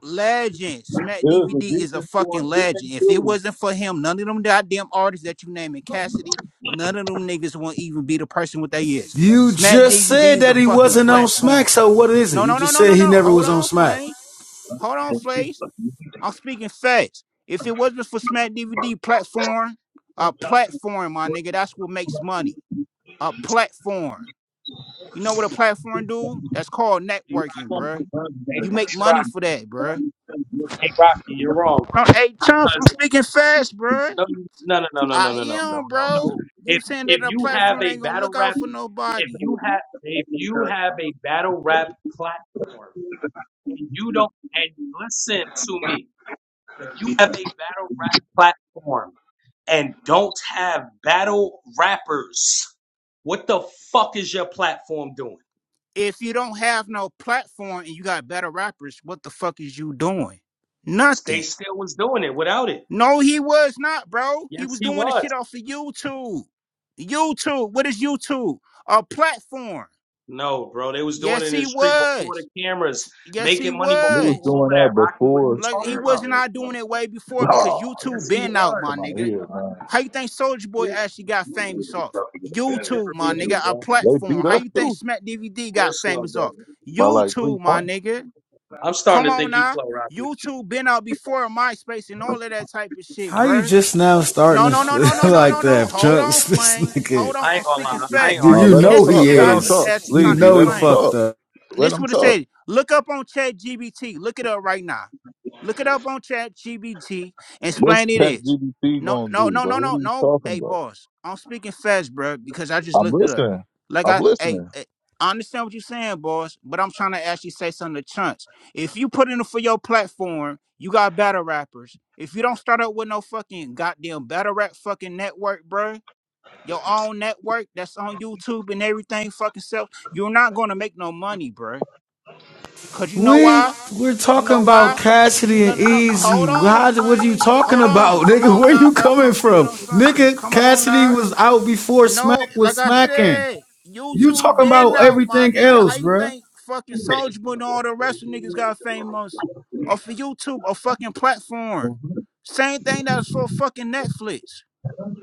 Speaker 4: legend.
Speaker 2: it
Speaker 4: Smack
Speaker 2: was a
Speaker 4: DVD is a
Speaker 2: decent
Speaker 4: fucking
Speaker 2: scoring game,
Speaker 4: legend. If it
Speaker 2: too.
Speaker 4: wasn't for him, none of them goddamn artists that you naming Cassidy, none of them niggas won't even be the person what they is.
Speaker 1: You
Speaker 4: Smack
Speaker 1: just
Speaker 4: DVD
Speaker 1: said
Speaker 4: is a
Speaker 1: that he
Speaker 4: fucking
Speaker 1: wasn't on Smack,
Speaker 4: platform.
Speaker 1: so what is it?
Speaker 4: No,
Speaker 1: You
Speaker 4: no, no,
Speaker 1: just
Speaker 4: no,
Speaker 1: said
Speaker 4: no,
Speaker 1: he
Speaker 4: no.
Speaker 1: never
Speaker 4: Hold
Speaker 1: was on
Speaker 4: on,
Speaker 1: Smack.
Speaker 4: Flames. Hold on, Flames. I'm speaking facts. If it wasn't for Smack DVD platform, a platform, my nigga, that's what makes money. A platform. You know what a platform do? That's called
Speaker 3: Hey
Speaker 4: networking,
Speaker 3: Rocky,
Speaker 4: bruh.
Speaker 3: hey,
Speaker 4: You make
Speaker 3: hey
Speaker 4: money
Speaker 3: Rocky,
Speaker 4: for that, bruh.
Speaker 3: hey Rocky, you're wrong, bro.
Speaker 4: No, hey Chunks,
Speaker 3: Because
Speaker 4: I'm speaking fast, bro.
Speaker 3: no, you- no, no, no, no, no,
Speaker 4: I
Speaker 3: no, no, no,
Speaker 4: am,
Speaker 3: no, no.
Speaker 4: bro.
Speaker 3: If
Speaker 4: You saying
Speaker 3: if
Speaker 4: that a
Speaker 3: you have
Speaker 4: platform
Speaker 3: a
Speaker 4: ain't gonna
Speaker 3: battle
Speaker 4: look
Speaker 3: rap,
Speaker 4: out for
Speaker 3: if
Speaker 4: nobody.
Speaker 3: you have if you have a battle rap platform, and you don't, and listen to me, If you have a battle rap platform and don't have battle rappers, what the fuck is your platform doing?
Speaker 4: If you don't have no platform and you got better rappers, what the fuck is you doing?
Speaker 3: They
Speaker 4: Nothing.
Speaker 3: still was doing it without it.
Speaker 4: No, he was not, bro. He
Speaker 3: Yes,
Speaker 4: was
Speaker 3: he
Speaker 4: doing the shit
Speaker 3: was.
Speaker 4: off of YouTube. YouTube. What is YouTube? A platform.
Speaker 3: No, bro, they was doing it
Speaker 4: Yes,
Speaker 3: in the
Speaker 4: he
Speaker 3: street before
Speaker 4: was.
Speaker 3: the cameras,
Speaker 4: Yes, he
Speaker 3: making money
Speaker 2: We
Speaker 3: before
Speaker 2: was
Speaker 4: was.
Speaker 3: all of
Speaker 2: doing that
Speaker 3: that. Rocky, what are you
Speaker 2: before.
Speaker 4: Like he
Speaker 3: talking
Speaker 4: was
Speaker 3: about?
Speaker 4: not doing it way before because
Speaker 2: Oh,
Speaker 3: Yes,
Speaker 2: yeah,
Speaker 4: YouTube
Speaker 3: he
Speaker 4: been
Speaker 2: yeah,
Speaker 4: out,
Speaker 3: was.
Speaker 4: my
Speaker 2: come out
Speaker 4: nigga.
Speaker 2: here, man.
Speaker 4: How you think Soldier Boy
Speaker 3: You're,
Speaker 4: actually got famous off?
Speaker 3: you're
Speaker 4: YouTube, my
Speaker 3: remedial,
Speaker 4: nigga, a
Speaker 3: bro.
Speaker 2: They beat
Speaker 4: platform. How
Speaker 2: us,
Speaker 4: you think
Speaker 2: too,
Speaker 4: Smack DVD
Speaker 3: You're
Speaker 4: got
Speaker 3: slow,
Speaker 4: famous
Speaker 3: bro.
Speaker 4: off?
Speaker 2: by like three
Speaker 4: YouTube, my
Speaker 2: points.
Speaker 4: nigga.
Speaker 3: I'm
Speaker 4: Come
Speaker 3: starting to
Speaker 4: on
Speaker 3: think you
Speaker 4: now.
Speaker 3: slow, Rocky.
Speaker 4: YouTube been out before MySpace and all of that type of shit,
Speaker 1: How you
Speaker 4: bruh.
Speaker 1: just now starting
Speaker 4: No,
Speaker 1: to
Speaker 4: no, no, no, no,
Speaker 1: feel
Speaker 4: no, no,
Speaker 1: like
Speaker 4: no.
Speaker 1: that,
Speaker 4: Hold on,
Speaker 1: Chunks? This
Speaker 4: Flames.
Speaker 1: nigga,
Speaker 4: Hold on.
Speaker 3: I ain't
Speaker 4: I'm
Speaker 3: gonna
Speaker 4: speaking
Speaker 3: lie. I ain't
Speaker 4: facts.
Speaker 2: No,
Speaker 1: you
Speaker 3: arguing
Speaker 2: let
Speaker 3: with
Speaker 4: And
Speaker 2: them
Speaker 3: this
Speaker 1: know
Speaker 4: this is
Speaker 2: talk.
Speaker 1: he
Speaker 3: nigga
Speaker 4: shit
Speaker 3: no
Speaker 2: Let
Speaker 4: I
Speaker 2: them
Speaker 3: more.
Speaker 4: be
Speaker 3: This
Speaker 2: talk.
Speaker 3: shit is
Speaker 1: is.
Speaker 4: actually
Speaker 1: You
Speaker 4: trying to
Speaker 3: stupid.
Speaker 2: Leezy,
Speaker 1: know
Speaker 2: let
Speaker 1: he
Speaker 2: them
Speaker 4: explain.
Speaker 1: fucked
Speaker 2: talk.
Speaker 1: up.
Speaker 2: Let
Speaker 4: This is
Speaker 2: them
Speaker 4: what it
Speaker 2: talk.
Speaker 4: said. Look up on Chat GBT. Look it up right now. Look it up on Chat GBT.
Speaker 2: What's
Speaker 4: Explain it
Speaker 2: Pat
Speaker 4: is.
Speaker 2: GDP
Speaker 4: No,
Speaker 2: going to
Speaker 4: no,
Speaker 2: do,
Speaker 4: no, no,
Speaker 2: bro? What
Speaker 4: no,
Speaker 2: are you
Speaker 4: no.
Speaker 2: talking
Speaker 4: Hey,
Speaker 2: about?
Speaker 4: boss, I'm speaking fast, bro, because I just
Speaker 2: I'm
Speaker 4: looked it up.
Speaker 2: listening.
Speaker 4: Like
Speaker 2: I'm
Speaker 4: I, hey,
Speaker 2: listening.
Speaker 4: eh, I understand what you're saying, boss, but I'm trying to actually say something to Chunks. If you put in it for your platform, you got battle rappers. If you don't start up with no fucking goddamn battle rap fucking network, bro, your own network that's on YouTube and everything, fucking self, you're not gonna make no money, bro. Cause you know
Speaker 1: We
Speaker 4: why?
Speaker 1: we're
Speaker 4: You
Speaker 1: talking
Speaker 4: know
Speaker 1: about
Speaker 4: why? You
Speaker 1: Cassidy
Speaker 4: no,
Speaker 1: and
Speaker 4: no, no,
Speaker 1: Easy.
Speaker 4: hold on,
Speaker 1: How what are you
Speaker 4: Flames.
Speaker 1: talking
Speaker 4: Hold on.
Speaker 1: about,
Speaker 4: Come
Speaker 1: nigga?
Speaker 4: on
Speaker 1: Where
Speaker 4: now,
Speaker 1: you
Speaker 4: bro. I'm
Speaker 1: coming
Speaker 4: speaking
Speaker 1: from,
Speaker 4: on something.
Speaker 1: nigga?
Speaker 4: Come on
Speaker 1: Cassidy
Speaker 4: now.
Speaker 1: was out before
Speaker 4: No,
Speaker 1: Smack was
Speaker 4: like I
Speaker 1: smacking.
Speaker 4: said,
Speaker 1: You
Speaker 4: YouTube
Speaker 1: talking about
Speaker 4: been out, my
Speaker 1: everything
Speaker 4: nigga. How
Speaker 1: else,
Speaker 4: you
Speaker 1: bruh.
Speaker 4: think fucking Soulja Boy and all the rest of niggas got famous off of YouTube or fucking platform?
Speaker 2: Mhm.
Speaker 4: Same thing that's for fucking Netflix.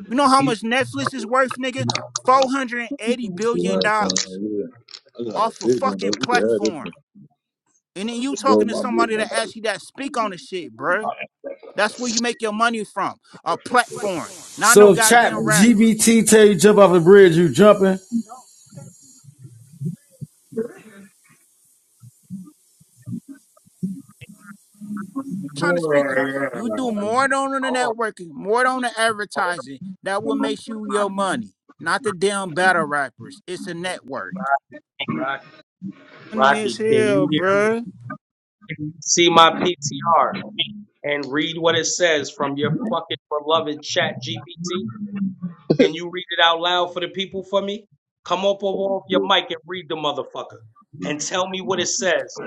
Speaker 4: You know how much Netflix is worth, nigga? $480 billion
Speaker 2: Right, man,
Speaker 4: dollars
Speaker 2: yeah. I got a
Speaker 4: off a
Speaker 2: big one, though.
Speaker 4: fucking
Speaker 2: You can have this
Speaker 4: platform.
Speaker 2: one.
Speaker 4: And then you
Speaker 2: Just roll
Speaker 4: talking to
Speaker 2: my big
Speaker 4: somebody that
Speaker 2: one.
Speaker 4: actually that speak on the shit, bruh. That's where you make your money from. A platform. Not no
Speaker 1: So if Chap
Speaker 4: goddamn rappers.
Speaker 1: GBT tell you jump off a bridge, you jumping?
Speaker 4: I'm trying to speak to you. You do more than on the
Speaker 3: Hold on.
Speaker 4: networking, more than on the
Speaker 3: Hold on.
Speaker 4: advertising. That will make you your money. Not the damn battle rappers. It's a network.
Speaker 3: Rocky,
Speaker 4: Money is
Speaker 3: Rocky, can you
Speaker 4: hell,
Speaker 3: hear me?
Speaker 4: bruh.
Speaker 3: Can you see my PTR and read what it says from your fucking beloved chat GPT? Can you read it out loud for the people for me? Come up over off your mic and read the motherfucker and tell me what it says.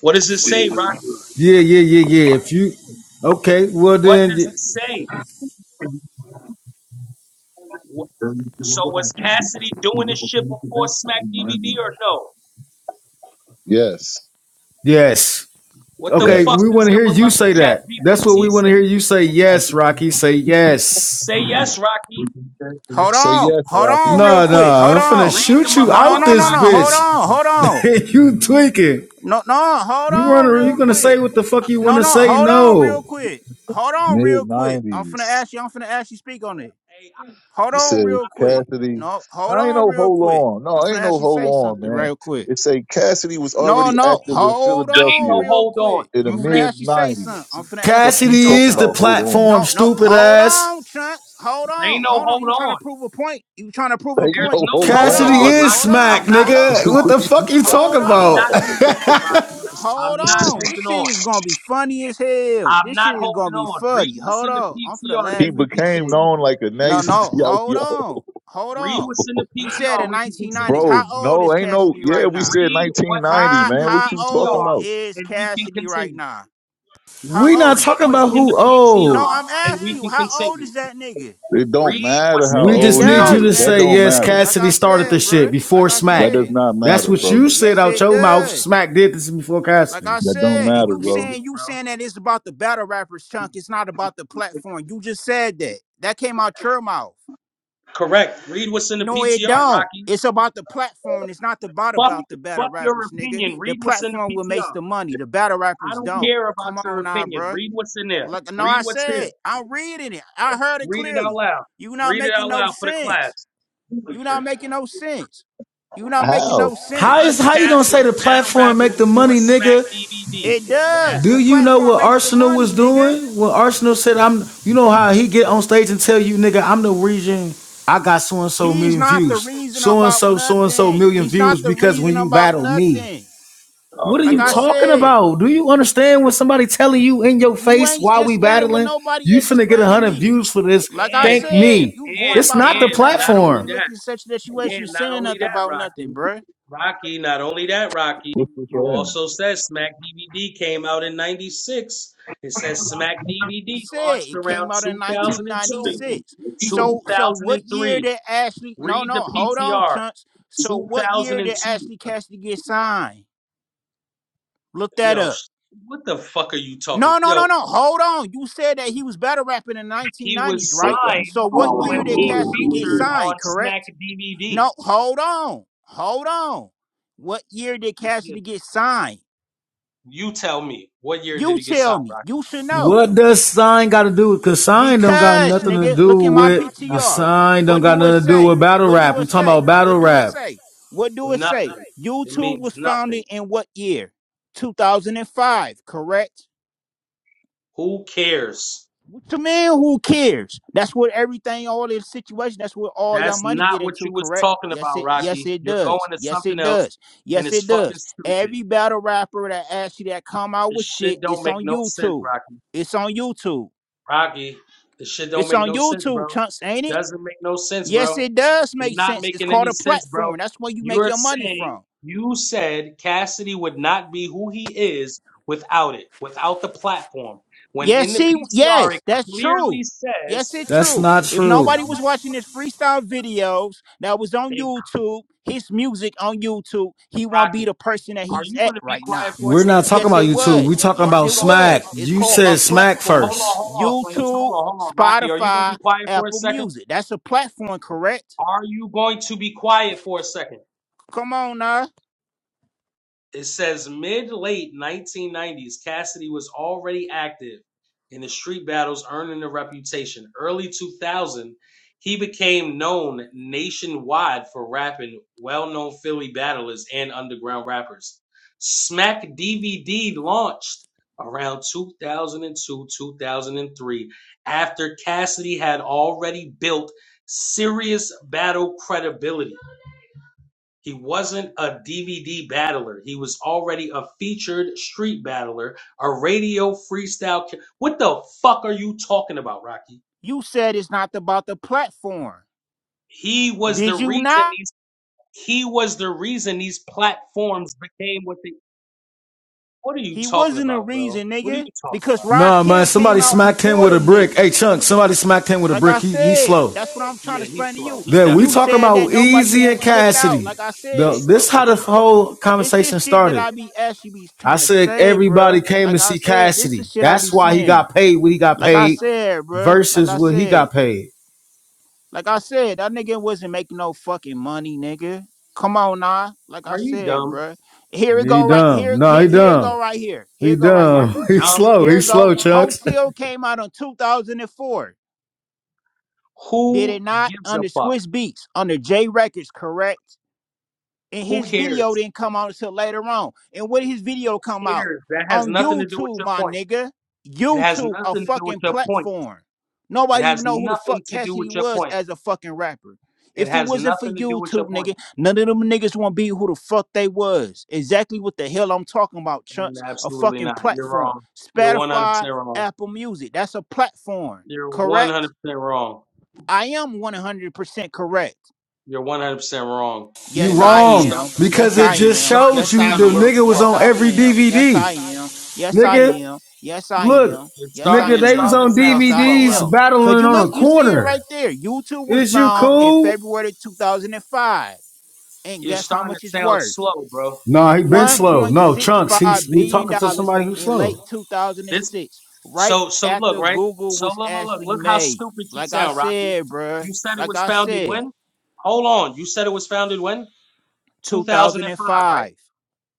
Speaker 3: What does it say, Rocky?
Speaker 1: Yeah, yeah, yeah, yeah. If you okay, well
Speaker 3: What
Speaker 1: then
Speaker 3: does
Speaker 1: y-
Speaker 3: it say? Wh- So was Cassidy doing this shit before Smack DVD or no?
Speaker 2: Yes.
Speaker 1: yes.
Speaker 3: What the
Speaker 1: Okay,
Speaker 3: fuck
Speaker 2: Yes.
Speaker 1: we
Speaker 3: does
Speaker 1: want to
Speaker 3: your
Speaker 1: hear you say
Speaker 3: beloved chat
Speaker 1: that. That's what
Speaker 3: GPT
Speaker 1: we want to
Speaker 3: say?
Speaker 1: hear you say. Yes, Rocky, say yes.
Speaker 3: Say yes, Rocky.
Speaker 4: Hold
Speaker 2: Say
Speaker 4: on.
Speaker 2: yes,
Speaker 4: Hold on
Speaker 2: Rocky.
Speaker 4: real
Speaker 1: No,
Speaker 4: quick.
Speaker 1: no,
Speaker 4: Hold
Speaker 1: I'm finna
Speaker 4: on.
Speaker 3: Read the
Speaker 1: shoot you
Speaker 4: No, no,
Speaker 1: out
Speaker 4: no,
Speaker 3: motherfucker,
Speaker 4: no,
Speaker 1: this
Speaker 4: no.
Speaker 3: Rocky.
Speaker 4: Hold
Speaker 1: bitch.
Speaker 4: on. Hold on.
Speaker 1: you tweaking.
Speaker 4: No, no, hold
Speaker 1: You
Speaker 4: on
Speaker 1: wanna you
Speaker 4: real
Speaker 1: gonna
Speaker 4: quick.
Speaker 1: say what the fuck you
Speaker 4: No,
Speaker 1: wanna
Speaker 4: no,
Speaker 1: say?
Speaker 4: hold on
Speaker 1: No.
Speaker 4: real quick. Hold on
Speaker 2: Mid
Speaker 4: real quick. I'm finna
Speaker 2: nineties.
Speaker 4: ask you, I'm finna ask you speak on it.
Speaker 3: Hey, I
Speaker 4: Hold
Speaker 2: It
Speaker 4: on
Speaker 2: says
Speaker 4: real quick.
Speaker 2: Cassidy.
Speaker 4: No, hold
Speaker 2: Now ain't
Speaker 4: on
Speaker 2: no
Speaker 4: real
Speaker 2: hold
Speaker 4: quick.
Speaker 2: on.
Speaker 4: I'm
Speaker 2: No,
Speaker 4: finna
Speaker 2: ain't
Speaker 4: ask
Speaker 2: no
Speaker 4: you
Speaker 2: hold
Speaker 4: say
Speaker 2: on,
Speaker 4: something
Speaker 2: man.
Speaker 4: real quick.
Speaker 2: It say Cassidy was
Speaker 4: No,
Speaker 2: already
Speaker 4: no,
Speaker 2: active in
Speaker 4: hold
Speaker 3: ain't
Speaker 4: on
Speaker 3: no
Speaker 2: Philadelphia
Speaker 4: real
Speaker 3: hold on.
Speaker 4: quick.
Speaker 2: in the
Speaker 4: I'm
Speaker 3: You
Speaker 4: finna
Speaker 3: read.
Speaker 2: mid
Speaker 4: ask you say
Speaker 2: nineties.
Speaker 4: something. I'm finna ask you
Speaker 2: What you
Speaker 4: speak on
Speaker 1: Cassidy
Speaker 2: talking
Speaker 1: is
Speaker 4: something.
Speaker 1: the
Speaker 2: about? Hold on.
Speaker 1: platform,
Speaker 4: No, no,
Speaker 1: stupid
Speaker 4: hold on,
Speaker 1: ass.
Speaker 4: Chunks. Hold
Speaker 3: There
Speaker 4: on.
Speaker 3: ain't no
Speaker 4: Hold on.
Speaker 3: hold
Speaker 4: You trying to
Speaker 3: on.
Speaker 4: prove a point. You trying to prove a
Speaker 2: Ain't
Speaker 3: There's
Speaker 4: point.
Speaker 2: no
Speaker 3: no
Speaker 2: hold
Speaker 4: Hold
Speaker 3: hold
Speaker 2: on,
Speaker 1: Cassidy
Speaker 3: on,
Speaker 4: on.
Speaker 2: brother.
Speaker 1: is
Speaker 4: Hold
Speaker 3: Rocky.
Speaker 1: smack,
Speaker 3: I'm
Speaker 4: on.
Speaker 3: not
Speaker 4: Hold
Speaker 2: what
Speaker 3: holding
Speaker 1: nigga.
Speaker 4: on.
Speaker 1: What
Speaker 3: on.
Speaker 2: are
Speaker 1: the fuck
Speaker 2: you
Speaker 1: you
Speaker 2: talking
Speaker 4: Hold
Speaker 1: talking
Speaker 3: I'm
Speaker 1: about?
Speaker 4: on.
Speaker 3: not
Speaker 2: about?
Speaker 3: holding on, Rocky. I'm
Speaker 4: Hold
Speaker 3: not
Speaker 4: on. This
Speaker 3: holding
Speaker 4: shit
Speaker 3: on.
Speaker 4: is gonna be funny as hell.
Speaker 3: I'm
Speaker 4: This
Speaker 3: not
Speaker 4: shit is gonna
Speaker 3: holding
Speaker 4: be
Speaker 3: on. Read
Speaker 4: funny.
Speaker 3: what's
Speaker 4: Hold
Speaker 3: in the
Speaker 4: on. I'm finna
Speaker 3: PTR and then
Speaker 2: he
Speaker 4: laugh
Speaker 3: we
Speaker 4: at
Speaker 3: can
Speaker 4: this
Speaker 2: became
Speaker 4: shit.
Speaker 2: known
Speaker 3: continue.
Speaker 2: like a
Speaker 4: No,
Speaker 2: nice
Speaker 4: no,
Speaker 2: yo
Speaker 4: hold
Speaker 2: yo.
Speaker 4: on. Hold
Speaker 3: Read
Speaker 4: on.
Speaker 3: what's in the
Speaker 4: You said
Speaker 3: PTR and
Speaker 4: in
Speaker 3: we can
Speaker 4: 1990s.
Speaker 3: continue.
Speaker 4: How
Speaker 2: Bro,
Speaker 4: old
Speaker 2: no,
Speaker 4: is
Speaker 2: ain't no
Speaker 4: Cassidy
Speaker 2: yeah,
Speaker 4: right
Speaker 2: we
Speaker 4: now?
Speaker 2: said
Speaker 3: Read
Speaker 2: nineteen
Speaker 3: what is
Speaker 2: ninety,
Speaker 4: How
Speaker 3: in the
Speaker 2: man. What
Speaker 4: how
Speaker 2: you talking
Speaker 4: old
Speaker 3: PTR
Speaker 2: about?
Speaker 4: is
Speaker 3: and we can
Speaker 4: Cassidy right
Speaker 3: continue.
Speaker 4: now? How
Speaker 1: we not
Speaker 4: old is
Speaker 3: Read
Speaker 1: talking
Speaker 4: he?
Speaker 3: what's
Speaker 1: about
Speaker 3: in the
Speaker 1: who
Speaker 4: No,
Speaker 1: old.
Speaker 3: PTR
Speaker 4: I'm
Speaker 3: and
Speaker 4: asking
Speaker 3: we
Speaker 4: you,
Speaker 3: can
Speaker 4: how old
Speaker 3: continue.
Speaker 4: is that nigga?
Speaker 2: It don't
Speaker 3: Read
Speaker 2: matter
Speaker 3: what's in
Speaker 2: how
Speaker 3: the
Speaker 1: We
Speaker 4: It
Speaker 1: just
Speaker 2: old he
Speaker 1: need
Speaker 3: PTR and
Speaker 1: you
Speaker 4: does
Speaker 3: we
Speaker 2: is.
Speaker 1: to
Speaker 3: can
Speaker 2: That
Speaker 4: matter,
Speaker 1: say
Speaker 2: don't
Speaker 3: continue.
Speaker 1: yes,
Speaker 4: nigga.
Speaker 2: matter.
Speaker 4: Like
Speaker 1: Cassidy
Speaker 4: I
Speaker 1: started the
Speaker 4: said,
Speaker 1: shit
Speaker 4: bruh. Like
Speaker 1: before
Speaker 4: I
Speaker 2: That
Speaker 1: smack.
Speaker 2: does
Speaker 4: said.
Speaker 2: not
Speaker 1: That's
Speaker 2: matter,
Speaker 1: what
Speaker 2: bro.
Speaker 1: you said
Speaker 4: Yes,
Speaker 1: out
Speaker 4: it
Speaker 1: your mouth.
Speaker 4: does.
Speaker 1: Smack did this before
Speaker 4: Like I
Speaker 1: Cassidy.
Speaker 2: That don't
Speaker 4: said,
Speaker 3: Fucking
Speaker 4: and
Speaker 2: matter,
Speaker 4: you
Speaker 2: bro.
Speaker 3: remedial,
Speaker 4: saying you
Speaker 3: bro.
Speaker 4: saying that it's about the battle rappers chunk. It's not about the platform. You just said that. That came out your mouth.
Speaker 3: Correct. Read what's in the
Speaker 4: No, it
Speaker 3: PTR,
Speaker 4: don't.
Speaker 3: Rocky.
Speaker 4: It's about the platform. It's not about
Speaker 3: Fuck,
Speaker 4: about the battle
Speaker 3: fuck your
Speaker 4: rappers, nigga.
Speaker 3: opinion.
Speaker 4: The
Speaker 3: Read what's in the
Speaker 4: platform will makes
Speaker 3: PTR.
Speaker 4: the money. The battle
Speaker 3: I
Speaker 4: rappers
Speaker 3: don't
Speaker 4: don't.
Speaker 3: care about
Speaker 4: Come
Speaker 3: your
Speaker 4: on now,
Speaker 3: opinion.
Speaker 4: bruh.
Speaker 3: Read what's in there.
Speaker 4: Like no,
Speaker 3: Read
Speaker 4: I
Speaker 3: what's
Speaker 4: said
Speaker 3: there.
Speaker 4: I'm reading it. I heard it
Speaker 3: Read it out
Speaker 4: clearly.
Speaker 3: loud.
Speaker 4: You not
Speaker 3: Read it
Speaker 4: making
Speaker 3: out
Speaker 4: no
Speaker 3: loud for the
Speaker 4: sense.
Speaker 3: class.
Speaker 4: You not making no sense. You not making
Speaker 2: How?
Speaker 4: no
Speaker 1: How
Speaker 4: sense.
Speaker 1: is
Speaker 3: Was
Speaker 1: how you gonna say
Speaker 3: Cassidy
Speaker 1: the
Speaker 3: battle
Speaker 1: platform
Speaker 3: rapping
Speaker 1: make the
Speaker 3: before
Speaker 1: money,
Speaker 3: Smack
Speaker 1: nigga?
Speaker 3: DVD?
Speaker 4: It does.
Speaker 1: Do
Speaker 4: The
Speaker 3: Yes.
Speaker 1: you know
Speaker 4: platform
Speaker 1: what
Speaker 4: makes the
Speaker 1: Arsenal was
Speaker 4: money, nigga.
Speaker 1: doing when Arsenal said, "I'm"? You know how he get on stage and tell you, "Nigga, I'm the reason I got so and so
Speaker 4: He's
Speaker 1: million
Speaker 4: not the
Speaker 1: views,
Speaker 4: reason
Speaker 1: so and
Speaker 4: about
Speaker 1: so, so and so
Speaker 4: nothing.
Speaker 1: million
Speaker 4: He's
Speaker 1: views
Speaker 4: not the
Speaker 1: because when
Speaker 4: reason
Speaker 1: you
Speaker 4: about
Speaker 1: battle me."
Speaker 4: nothing.
Speaker 2: Oh,
Speaker 1: What are
Speaker 4: Like
Speaker 2: good,
Speaker 1: you
Speaker 4: I
Speaker 2: bro.
Speaker 1: talking
Speaker 4: said,
Speaker 1: about? Do you understand when somebody telling you in your
Speaker 4: you
Speaker 1: face
Speaker 4: ain't
Speaker 1: while
Speaker 4: in
Speaker 1: we
Speaker 4: standing with
Speaker 1: battling,
Speaker 4: nobody
Speaker 1: you
Speaker 4: else
Speaker 1: finna get a
Speaker 4: explaining
Speaker 1: hundred
Speaker 4: me.
Speaker 1: views for this?
Speaker 4: Like I
Speaker 3: And
Speaker 1: Thank
Speaker 4: said,
Speaker 3: and
Speaker 1: me.
Speaker 4: you going
Speaker 3: and
Speaker 1: It's
Speaker 4: about
Speaker 1: not the
Speaker 4: something
Speaker 3: and
Speaker 4: that
Speaker 3: not
Speaker 4: actually
Speaker 3: only
Speaker 4: really
Speaker 1: platform.
Speaker 4: looking at
Speaker 3: that,
Speaker 4: such that you actually
Speaker 3: and not
Speaker 4: saying
Speaker 3: only
Speaker 4: nothing
Speaker 3: that,
Speaker 4: about nothing,
Speaker 3: Rocky,
Speaker 4: bruh. Like
Speaker 3: Rocky, not only that, Rocky.
Speaker 2: What's this
Speaker 3: You
Speaker 2: right
Speaker 3: also said Smack DVD came out in '96. It says Smack
Speaker 4: I
Speaker 3: DVD
Speaker 4: said
Speaker 3: launched
Speaker 4: it
Speaker 3: around
Speaker 4: came out in
Speaker 3: 2002
Speaker 4: 1996. So so what year
Speaker 3: 2003.
Speaker 4: did Ashley no
Speaker 3: Read the
Speaker 4: no hold on,
Speaker 3: PTR.
Speaker 4: Chunks. So what year did
Speaker 3: 2002.
Speaker 4: Ashley Cassidy get signed? Look that
Speaker 3: Yo,
Speaker 4: up.
Speaker 3: what the fuck are you talking?
Speaker 4: No, no, no,
Speaker 3: Yo,
Speaker 4: no. Hold on. You said that he was battle rapping in the
Speaker 3: he
Speaker 4: 1990s,
Speaker 3: was
Speaker 4: right?
Speaker 2: here?
Speaker 4: So
Speaker 3: signed
Speaker 4: what year
Speaker 3: when
Speaker 4: did
Speaker 3: he
Speaker 4: Cassidy get
Speaker 3: featured on
Speaker 4: signed,
Speaker 3: Smack
Speaker 4: correct?
Speaker 3: DVD.
Speaker 4: No, hold on. Hold on. What year did
Speaker 3: Yeah.
Speaker 4: Cassidy get signed?
Speaker 3: You tell me, what year did
Speaker 4: You
Speaker 3: he get signed,
Speaker 4: tell me.
Speaker 3: Rocky?
Speaker 4: You should know.
Speaker 1: What does sign got to do with? Cause sign don't got
Speaker 4: Because,
Speaker 1: nothing to
Speaker 4: nigga,
Speaker 1: do
Speaker 4: look at my
Speaker 1: with the
Speaker 4: PTR.
Speaker 3: Nothing.
Speaker 1: sign. Don't
Speaker 4: What
Speaker 1: got
Speaker 4: do it
Speaker 1: nothing to do
Speaker 4: say?
Speaker 1: with battle
Speaker 4: What
Speaker 1: rap.
Speaker 4: do
Speaker 1: We
Speaker 4: it
Speaker 1: talking about
Speaker 4: say?
Speaker 1: battle
Speaker 4: What
Speaker 3: Nothing.
Speaker 4: do it
Speaker 1: rap.
Speaker 4: say? What do it say?
Speaker 3: Nothing. It
Speaker 4: YouTube
Speaker 3: means
Speaker 4: was
Speaker 3: nothing.
Speaker 4: founded in what year? 2005, correct?
Speaker 3: Who cares?
Speaker 4: To me, who cares? That's what everything, all this situation, that's what all your
Speaker 3: That's
Speaker 4: money
Speaker 3: not
Speaker 4: get
Speaker 3: what
Speaker 4: into,
Speaker 3: you was
Speaker 4: correct?
Speaker 3: talking
Speaker 4: Yes,
Speaker 3: about,
Speaker 4: it yes
Speaker 3: Rocky.
Speaker 4: it
Speaker 3: You're going
Speaker 4: does.
Speaker 3: to
Speaker 4: Yes,
Speaker 3: something
Speaker 4: it
Speaker 3: else,
Speaker 4: does.
Speaker 3: and
Speaker 4: Yes,
Speaker 3: it's
Speaker 4: it
Speaker 3: fucking
Speaker 4: does.
Speaker 3: stupid.
Speaker 4: Every battle rapper that asks you that come out
Speaker 3: This
Speaker 4: with shit,
Speaker 3: shit don't
Speaker 4: it's
Speaker 3: make
Speaker 4: on
Speaker 3: no sense,
Speaker 4: YouTube.
Speaker 3: Rocky.
Speaker 4: It's on YouTube.
Speaker 3: Rocky, this shit don't
Speaker 4: It's
Speaker 3: make
Speaker 4: on
Speaker 3: no sense,
Speaker 4: YouTube,
Speaker 3: bro.
Speaker 4: chunks, ain't it?
Speaker 3: Doesn't make no sense,
Speaker 4: Yes,
Speaker 3: bro.
Speaker 4: it does
Speaker 3: You're
Speaker 4: make
Speaker 3: not
Speaker 4: sense. It's
Speaker 3: making
Speaker 4: called
Speaker 3: any
Speaker 4: a
Speaker 3: sense, bro.
Speaker 4: platform. That's where you make
Speaker 3: You're
Speaker 4: your money
Speaker 3: saying
Speaker 4: from.
Speaker 3: you said Cassidy would not be who he is without it, without the platform. When in
Speaker 4: Yes,
Speaker 3: the
Speaker 4: he.
Speaker 3: PTR,
Speaker 4: Yes,
Speaker 3: it
Speaker 4: that's
Speaker 3: clearly
Speaker 4: true. Yes,
Speaker 3: says,
Speaker 4: it's
Speaker 1: That's
Speaker 4: true.
Speaker 1: not
Speaker 4: If
Speaker 3: it,
Speaker 1: true.
Speaker 4: nobody was watching his freestyle videos that was on
Speaker 3: it,
Speaker 4: YouTube, his music on YouTube, he won't be
Speaker 3: Rocky,
Speaker 4: the person that
Speaker 3: are
Speaker 4: he's
Speaker 3: you
Speaker 4: at
Speaker 3: going to be
Speaker 4: right
Speaker 3: quiet
Speaker 4: now.
Speaker 3: for a
Speaker 1: We're not
Speaker 3: second?
Speaker 1: talking
Speaker 4: Yes,
Speaker 1: about
Speaker 4: it
Speaker 1: YouTube. We're
Speaker 4: was.
Speaker 1: talking
Speaker 3: Are
Speaker 4: Yes,
Speaker 1: about
Speaker 3: you
Speaker 4: it
Speaker 3: going?
Speaker 1: smack.
Speaker 4: was. It's
Speaker 1: You
Speaker 4: called
Speaker 3: Hey,
Speaker 4: a
Speaker 1: said
Speaker 3: hey,
Speaker 1: smack
Speaker 4: platform.
Speaker 3: hold on,
Speaker 1: first.
Speaker 3: hold on, Flames, hold
Speaker 4: YouTube,
Speaker 3: on, hold on, Rocky. Are you going to be
Speaker 4: Spotify,
Speaker 3: quiet for a
Speaker 4: Apple
Speaker 3: second?
Speaker 4: Music. That's a platform, correct?
Speaker 3: Are you going to be quiet for a second?
Speaker 4: Come on now.
Speaker 3: It says mid late 1990s, Cassidy was already active in the street battles, earning a reputation. Early 2000, he became known nationwide for rapping well known Philly battlers and underground rappers. Smack DVD launched around 2002 2003 after Cassidy had already built serious battle credibility. He wasn't a DVD battler. He was already a featured street battler, a radio freestyle. ki- What the fuck are you talking about, Rocky?
Speaker 4: You said it's not about the platform.
Speaker 3: He was the
Speaker 4: Did you
Speaker 3: reason
Speaker 4: not?
Speaker 3: these. He was the reason these platforms became what they. What are you
Speaker 4: He
Speaker 3: talking
Speaker 4: wasn't a
Speaker 3: about, bro?
Speaker 4: reason,
Speaker 3: What are you
Speaker 4: nigga,
Speaker 3: talking
Speaker 4: because
Speaker 3: about,
Speaker 1: Nah,
Speaker 3: bro?
Speaker 1: man.
Speaker 4: Rakim
Speaker 1: Somebody
Speaker 4: came out
Speaker 1: smacked him
Speaker 4: before
Speaker 1: with a
Speaker 4: them
Speaker 1: brick. Hey,
Speaker 4: niggas.
Speaker 1: Chunk, somebody smacked him with a
Speaker 4: Like
Speaker 1: brick.
Speaker 4: I
Speaker 1: He, he
Speaker 4: said,
Speaker 1: slow.
Speaker 4: that's what I'm trying to
Speaker 3: Yeah, he's
Speaker 4: explain to
Speaker 3: slow.
Speaker 4: you.
Speaker 3: He
Speaker 1: Then
Speaker 4: And
Speaker 1: we
Speaker 4: you
Speaker 3: definitely
Speaker 1: talking
Speaker 4: said
Speaker 3: slow.
Speaker 4: that
Speaker 1: about
Speaker 4: nobody
Speaker 1: Easy and
Speaker 4: actually looked out.
Speaker 1: Cassidy.
Speaker 4: Like I
Speaker 1: The,
Speaker 3: He's
Speaker 4: said,
Speaker 3: slow
Speaker 1: this
Speaker 3: for
Speaker 1: how the
Speaker 3: sure.
Speaker 1: whole
Speaker 4: this is
Speaker 1: conversation
Speaker 4: shit that
Speaker 1: started.
Speaker 4: I be actually be
Speaker 1: I
Speaker 4: trying to
Speaker 1: said
Speaker 4: say,
Speaker 1: everybody
Speaker 4: bruh.
Speaker 1: came
Speaker 4: Like
Speaker 1: to
Speaker 4: I
Speaker 1: see
Speaker 4: said, this
Speaker 1: Cassidy.
Speaker 4: is shit I
Speaker 1: That's
Speaker 4: be
Speaker 1: why he
Speaker 4: saying.
Speaker 1: got paid what he got
Speaker 4: Like I
Speaker 1: paid
Speaker 4: said, bruh. Like
Speaker 1: versus
Speaker 4: I
Speaker 1: what he got
Speaker 4: said,
Speaker 1: paid.
Speaker 4: like I said, that nigga wasn't making no fucking money, nigga. Come on, nah. Like I
Speaker 3: Are you
Speaker 4: said,
Speaker 3: dumb?
Speaker 4: bruh. Here it
Speaker 1: He
Speaker 4: go right
Speaker 1: dumb.
Speaker 4: here.
Speaker 1: No,
Speaker 4: Here,
Speaker 1: he
Speaker 4: here it
Speaker 1: dumb.
Speaker 4: go right here. Here
Speaker 1: He
Speaker 4: it go right
Speaker 3: Are
Speaker 4: here.
Speaker 1: dumb.
Speaker 3: you
Speaker 1: He
Speaker 3: dumb?
Speaker 1: slow.
Speaker 4: Here
Speaker 1: He
Speaker 4: we go.
Speaker 1: slow, Chunks.
Speaker 4: Hotel came out in 2004. Did it
Speaker 3: Who
Speaker 4: not?
Speaker 3: gives a
Speaker 4: Under
Speaker 3: fuck?
Speaker 4: Swiss Beats, under J Records, correct? and
Speaker 3: Who
Speaker 4: his video
Speaker 3: cares?
Speaker 4: didn't come out until later on. And when did his video
Speaker 3: Who
Speaker 4: come out?
Speaker 3: cares? That has
Speaker 4: On
Speaker 3: nothing to do with
Speaker 4: YouTube,
Speaker 3: your
Speaker 4: my
Speaker 3: point.
Speaker 4: nigga.
Speaker 3: It has
Speaker 4: YouTube, a
Speaker 3: nothing to do with
Speaker 4: fucking
Speaker 3: your point.
Speaker 4: platform.
Speaker 3: It
Speaker 4: Nobody
Speaker 3: has
Speaker 4: even know who the
Speaker 3: nothing
Speaker 4: fuck
Speaker 3: to do
Speaker 4: Cassidy
Speaker 3: with your
Speaker 4: was
Speaker 3: point.
Speaker 4: as a fucking rapper.
Speaker 3: It
Speaker 4: If it
Speaker 3: has
Speaker 4: wasn't for
Speaker 3: nothing to do with your
Speaker 4: YouTube,
Speaker 3: point.
Speaker 4: nigga, none of them niggas won't be who the fuck they was. Exactly what the hell I'm talking about,
Speaker 3: Mm,
Speaker 4: chunks. A
Speaker 3: Absolutely
Speaker 4: fucking
Speaker 3: not. You're
Speaker 4: platform.
Speaker 3: wrong. You're 100%
Speaker 4: Spotify,
Speaker 3: wrong.
Speaker 4: Apple Music. That's a platform.
Speaker 3: You're 100%
Speaker 4: Correct?
Speaker 3: wrong.
Speaker 4: I am 100% correct.
Speaker 3: You're 100% wrong.
Speaker 1: You
Speaker 4: Yes,
Speaker 3: And you're
Speaker 4: I
Speaker 1: wrong
Speaker 3: start,
Speaker 4: am.
Speaker 1: because
Speaker 4: Yes,
Speaker 3: you're
Speaker 1: it
Speaker 4: I
Speaker 3: you're
Speaker 1: just
Speaker 4: am.
Speaker 3: starting to
Speaker 1: showed
Speaker 4: Yes,
Speaker 1: you
Speaker 4: I
Speaker 3: sound
Speaker 1: the
Speaker 3: a little
Speaker 4: am.
Speaker 1: nigga was
Speaker 3: slow.
Speaker 4: Yes,
Speaker 1: on
Speaker 4: I
Speaker 1: every
Speaker 4: am. Yes,
Speaker 1: DVD.
Speaker 4: I am. Yes, I
Speaker 1: Nigga,
Speaker 4: am. Yes, I
Speaker 1: look,
Speaker 4: am.
Speaker 3: You're
Speaker 4: Yes,
Speaker 3: starting
Speaker 4: I
Speaker 1: nigga,
Speaker 3: you're
Speaker 1: they was
Speaker 3: starting
Speaker 4: am.
Speaker 3: to
Speaker 1: on
Speaker 3: sound
Speaker 4: Yes, I
Speaker 3: slow,
Speaker 1: DVDs
Speaker 4: am.
Speaker 3: Rocky.
Speaker 4: Could
Speaker 1: battling
Speaker 4: you
Speaker 1: on
Speaker 4: look?
Speaker 1: a
Speaker 4: You see it
Speaker 1: corner.
Speaker 4: right there. YouTube was
Speaker 1: Is you
Speaker 4: found in
Speaker 1: cool?
Speaker 4: February 2005. And five, and
Speaker 3: You're
Speaker 4: guess how
Speaker 3: starting to
Speaker 4: much it's
Speaker 3: sound
Speaker 4: worth?
Speaker 3: slow, bro.
Speaker 1: Nah, he been slow. No, Trunks, he's
Speaker 4: $1.65
Speaker 1: we
Speaker 4: billion
Speaker 1: talking to
Speaker 4: dollars
Speaker 1: somebody who's
Speaker 4: in late
Speaker 1: slow.
Speaker 3: This
Speaker 4: 2006, right
Speaker 3: so so look,
Speaker 4: after
Speaker 3: right?
Speaker 4: Google
Speaker 3: So
Speaker 4: was
Speaker 3: look look look
Speaker 4: actually
Speaker 3: look how
Speaker 4: made.
Speaker 3: stupid you
Speaker 4: Like I
Speaker 3: sound, Rocky.
Speaker 4: said, bruh.
Speaker 3: You said it
Speaker 4: Like
Speaker 3: was
Speaker 4: I
Speaker 3: founded
Speaker 4: said,
Speaker 3: when? Hold on. You said it was founded when? 2005, right?
Speaker 4: 2005.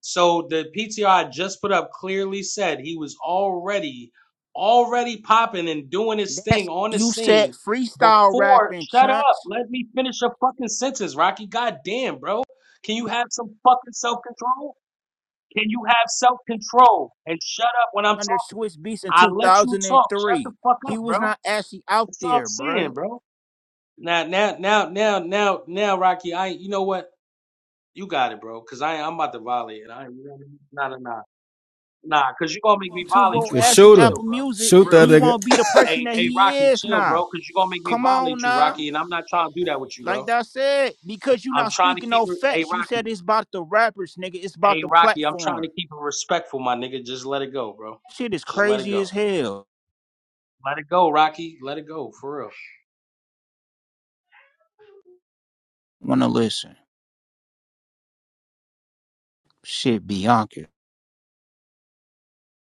Speaker 3: So the PTR just put up clearly said he was already already popping and doing his thing
Speaker 4: That's
Speaker 3: on the
Speaker 4: you said
Speaker 3: scene
Speaker 4: freestyle
Speaker 3: before
Speaker 4: rapping
Speaker 3: shut up.
Speaker 4: chunks
Speaker 3: Let me finish a fucking sentence, Rocky. God damn, bro. Can you have some fucking self-control? Can you have self-control and shut up when I'm
Speaker 4: under
Speaker 3: talking?
Speaker 4: Swiss Beats in
Speaker 3: I let you talk. Shut the
Speaker 4: 2003.
Speaker 3: fuck
Speaker 4: He
Speaker 3: up,
Speaker 4: was
Speaker 3: bro.
Speaker 4: not actually out
Speaker 3: That's what I'm
Speaker 4: there,
Speaker 3: saying,
Speaker 4: bruh.
Speaker 3: bro. Now, now, now, now, now, now, Rocky. I, you know what? You got it, bro. Cause I I'm about to volley and I ain't you know what I mean? nah nah nah. Nah, cause you gonna make me
Speaker 4: YouTube
Speaker 3: volley
Speaker 1: You
Speaker 4: or
Speaker 3: you,
Speaker 1: can
Speaker 3: Rocky.
Speaker 4: actually
Speaker 1: shoot him.
Speaker 3: Chill,
Speaker 4: Apple
Speaker 3: bro.
Speaker 4: Music,
Speaker 3: For
Speaker 1: Shoot that
Speaker 3: real,
Speaker 4: he
Speaker 3: bro.
Speaker 1: nigga.
Speaker 4: won't be the person
Speaker 3: Hey,
Speaker 4: that
Speaker 3: hey,
Speaker 4: he
Speaker 3: Rocky,
Speaker 4: is
Speaker 3: chill, bro.
Speaker 4: now.
Speaker 3: Cause you gonna make me
Speaker 4: Come
Speaker 3: volley
Speaker 4: on
Speaker 3: you,
Speaker 4: now.
Speaker 3: Rocky, and I'm not trying to do that with you, bro.
Speaker 4: Like I said, because you
Speaker 3: I'm
Speaker 4: not
Speaker 3: trying to
Speaker 4: speaking
Speaker 3: keep
Speaker 4: no
Speaker 3: it hey
Speaker 4: facts. You
Speaker 3: Rocky.
Speaker 4: said it's about the rappers, nigga. It's
Speaker 3: Hey
Speaker 4: about the
Speaker 3: Rocky, I'm trying to
Speaker 4: platform.
Speaker 3: keep it respectful, my nigga. Just let it go, bro.
Speaker 4: Shit is
Speaker 3: Just let it
Speaker 4: crazy
Speaker 3: go.
Speaker 4: as hell.
Speaker 3: Let it go, Rocky. Let it go, for real.
Speaker 4: Wanna listen. Shit, Bianca.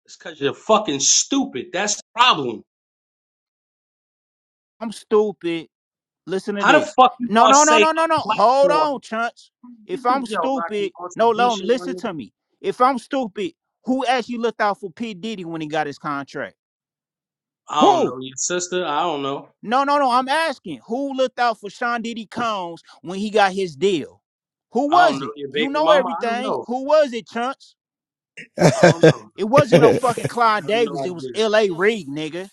Speaker 3: It's cause you're fucking stupid. That's the problem.
Speaker 4: I'm stupid. Listen to
Speaker 3: How the
Speaker 4: this.
Speaker 3: fuck you
Speaker 4: No,
Speaker 3: gonna
Speaker 4: no, no,
Speaker 3: say
Speaker 4: no, no, no.
Speaker 3: a
Speaker 4: Hold on,
Speaker 3: platform?
Speaker 4: Chunch.
Speaker 3: Get
Speaker 4: If
Speaker 3: the
Speaker 4: I'm
Speaker 3: yo, Rocky,
Speaker 4: stupid,
Speaker 3: on some
Speaker 4: no,
Speaker 3: G
Speaker 4: no,
Speaker 3: shit, my
Speaker 4: listen
Speaker 3: nigga.
Speaker 4: to me. If I'm stupid, who actually looked out for P. Diddy when he got his contract?
Speaker 3: I don't
Speaker 4: Who?
Speaker 3: know your sister. I don't know.
Speaker 4: No, no, no. I'm asking who looked out for Sean Diddy Combs when he got his deal? Who
Speaker 3: I don't
Speaker 4: was
Speaker 3: know
Speaker 4: it?
Speaker 3: your
Speaker 4: You
Speaker 3: baby
Speaker 4: know
Speaker 3: mama. I don't
Speaker 4: everything.
Speaker 3: know.
Speaker 4: Who was it, Chunch?
Speaker 3: I don't know.
Speaker 4: It wasn't no fucking
Speaker 3: I
Speaker 4: Clyde
Speaker 3: have no
Speaker 4: Davis. It was
Speaker 3: idea. I
Speaker 4: L.A. Reid, nigga.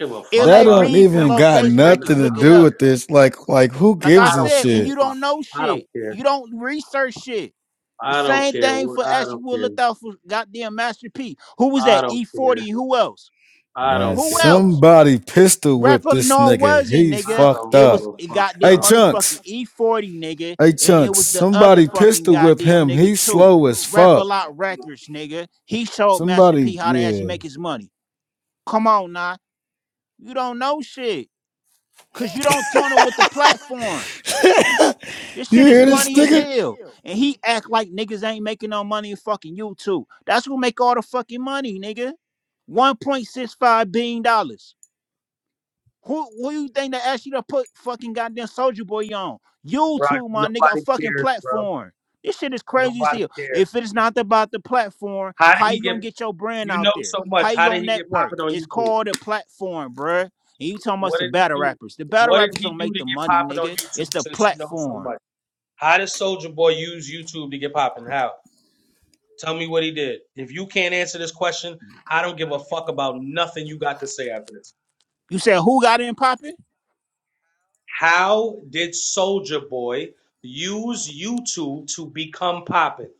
Speaker 3: don't Give a fuck
Speaker 1: That
Speaker 4: L.A.
Speaker 3: about
Speaker 1: don't
Speaker 4: Reid from
Speaker 1: even
Speaker 4: Low
Speaker 1: got
Speaker 3: L.A.
Speaker 4: Face
Speaker 3: Reid or
Speaker 1: nothing
Speaker 4: Records.
Speaker 3: nothing.
Speaker 1: to
Speaker 3: I
Speaker 4: Look it
Speaker 3: don't
Speaker 1: do
Speaker 4: up.
Speaker 3: care.
Speaker 1: with this. Like, like who
Speaker 4: Like
Speaker 3: I
Speaker 4: I
Speaker 1: gives a
Speaker 3: don't
Speaker 4: said,
Speaker 3: give a
Speaker 4: and
Speaker 1: shit?
Speaker 4: you
Speaker 3: fuck.
Speaker 4: don't know
Speaker 3: I don't
Speaker 4: shit.
Speaker 3: care.
Speaker 4: You don't research shit. The
Speaker 3: I don't
Speaker 4: same
Speaker 3: care.
Speaker 4: thing
Speaker 3: what-
Speaker 4: for
Speaker 3: I
Speaker 4: Ashley
Speaker 3: don't
Speaker 4: Wood
Speaker 3: care.
Speaker 4: looked out for goddamn Master P. Who was
Speaker 3: I
Speaker 4: that?
Speaker 3: don't care.
Speaker 4: E40. Who else?
Speaker 3: I
Speaker 1: Man,
Speaker 3: don't
Speaker 4: Who
Speaker 3: care.
Speaker 4: else?
Speaker 1: somebody pistol whipped
Speaker 4: Rapper
Speaker 1: this
Speaker 4: Lenore
Speaker 1: nigga.
Speaker 4: wasn't,
Speaker 1: He's
Speaker 3: I
Speaker 4: nigga.
Speaker 1: fucked
Speaker 3: don't
Speaker 4: It
Speaker 3: give
Speaker 1: up.
Speaker 4: was
Speaker 3: a
Speaker 4: a
Speaker 3: fuck,
Speaker 1: Hey,
Speaker 4: goddamn
Speaker 3: bro.
Speaker 1: Trunks.
Speaker 4: motherfucking E40, nigga.
Speaker 1: Hey
Speaker 4: And it
Speaker 1: Chunks,
Speaker 4: was the other
Speaker 1: somebody
Speaker 4: fucking
Speaker 1: pistol whip
Speaker 4: goddamn
Speaker 1: him.
Speaker 4: nigga
Speaker 1: He's
Speaker 4: too.
Speaker 1: slow as
Speaker 4: Rap a
Speaker 1: fuck.
Speaker 4: lot records, nigga. He showed Master
Speaker 1: Somebody,
Speaker 4: P how to actually
Speaker 1: yeah.
Speaker 4: make his money. Come on, nah. You don't know shit. Cause you don't turn it with the platform. This
Speaker 1: You
Speaker 4: shit is
Speaker 1: hear this
Speaker 4: funny as
Speaker 1: nigga?
Speaker 4: hell. And he act like niggas ain't making no money in fucking YouTube. That's who make all the fucking money, nigga. $1.65 billion. dollars. Who who you think they asked you to put fucking goddamn Soldier Boy on?
Speaker 3: Rock,
Speaker 4: YouTube, my nigga, a
Speaker 3: nobody
Speaker 4: fucking
Speaker 3: cares, bro.
Speaker 4: platform. This shit is crazy as
Speaker 3: Nobody
Speaker 4: hell.
Speaker 3: cares.
Speaker 4: If it is not about the platform,
Speaker 3: How did
Speaker 4: how
Speaker 3: he
Speaker 4: you
Speaker 3: get?
Speaker 4: gonna get your brand
Speaker 3: You
Speaker 4: out
Speaker 3: know
Speaker 4: there?
Speaker 3: so much.
Speaker 4: How you
Speaker 3: How did
Speaker 4: gonna
Speaker 3: he get
Speaker 4: network?
Speaker 3: popping on
Speaker 4: It's
Speaker 3: YouTube?
Speaker 4: called a platform, bruh. And you talking about
Speaker 3: What
Speaker 4: the
Speaker 3: did he
Speaker 4: battle
Speaker 3: do?
Speaker 4: rappers. The battle
Speaker 3: What did
Speaker 4: rappers
Speaker 3: he
Speaker 4: don't
Speaker 3: do
Speaker 4: make
Speaker 3: to
Speaker 4: the
Speaker 3: get
Speaker 4: money,
Speaker 3: popping on
Speaker 4: nigga. It's
Speaker 3: YouTube?
Speaker 4: the
Speaker 3: Since you know so
Speaker 4: platform.
Speaker 3: much. How does Soldier Boy use YouTube to get popping? How? Tell me what he did. If you can't answer this question, I don't give a fuck about nothing you got to say after this.
Speaker 4: You said who got in popping?
Speaker 3: How did Soldier Boy use YouTube to become popping?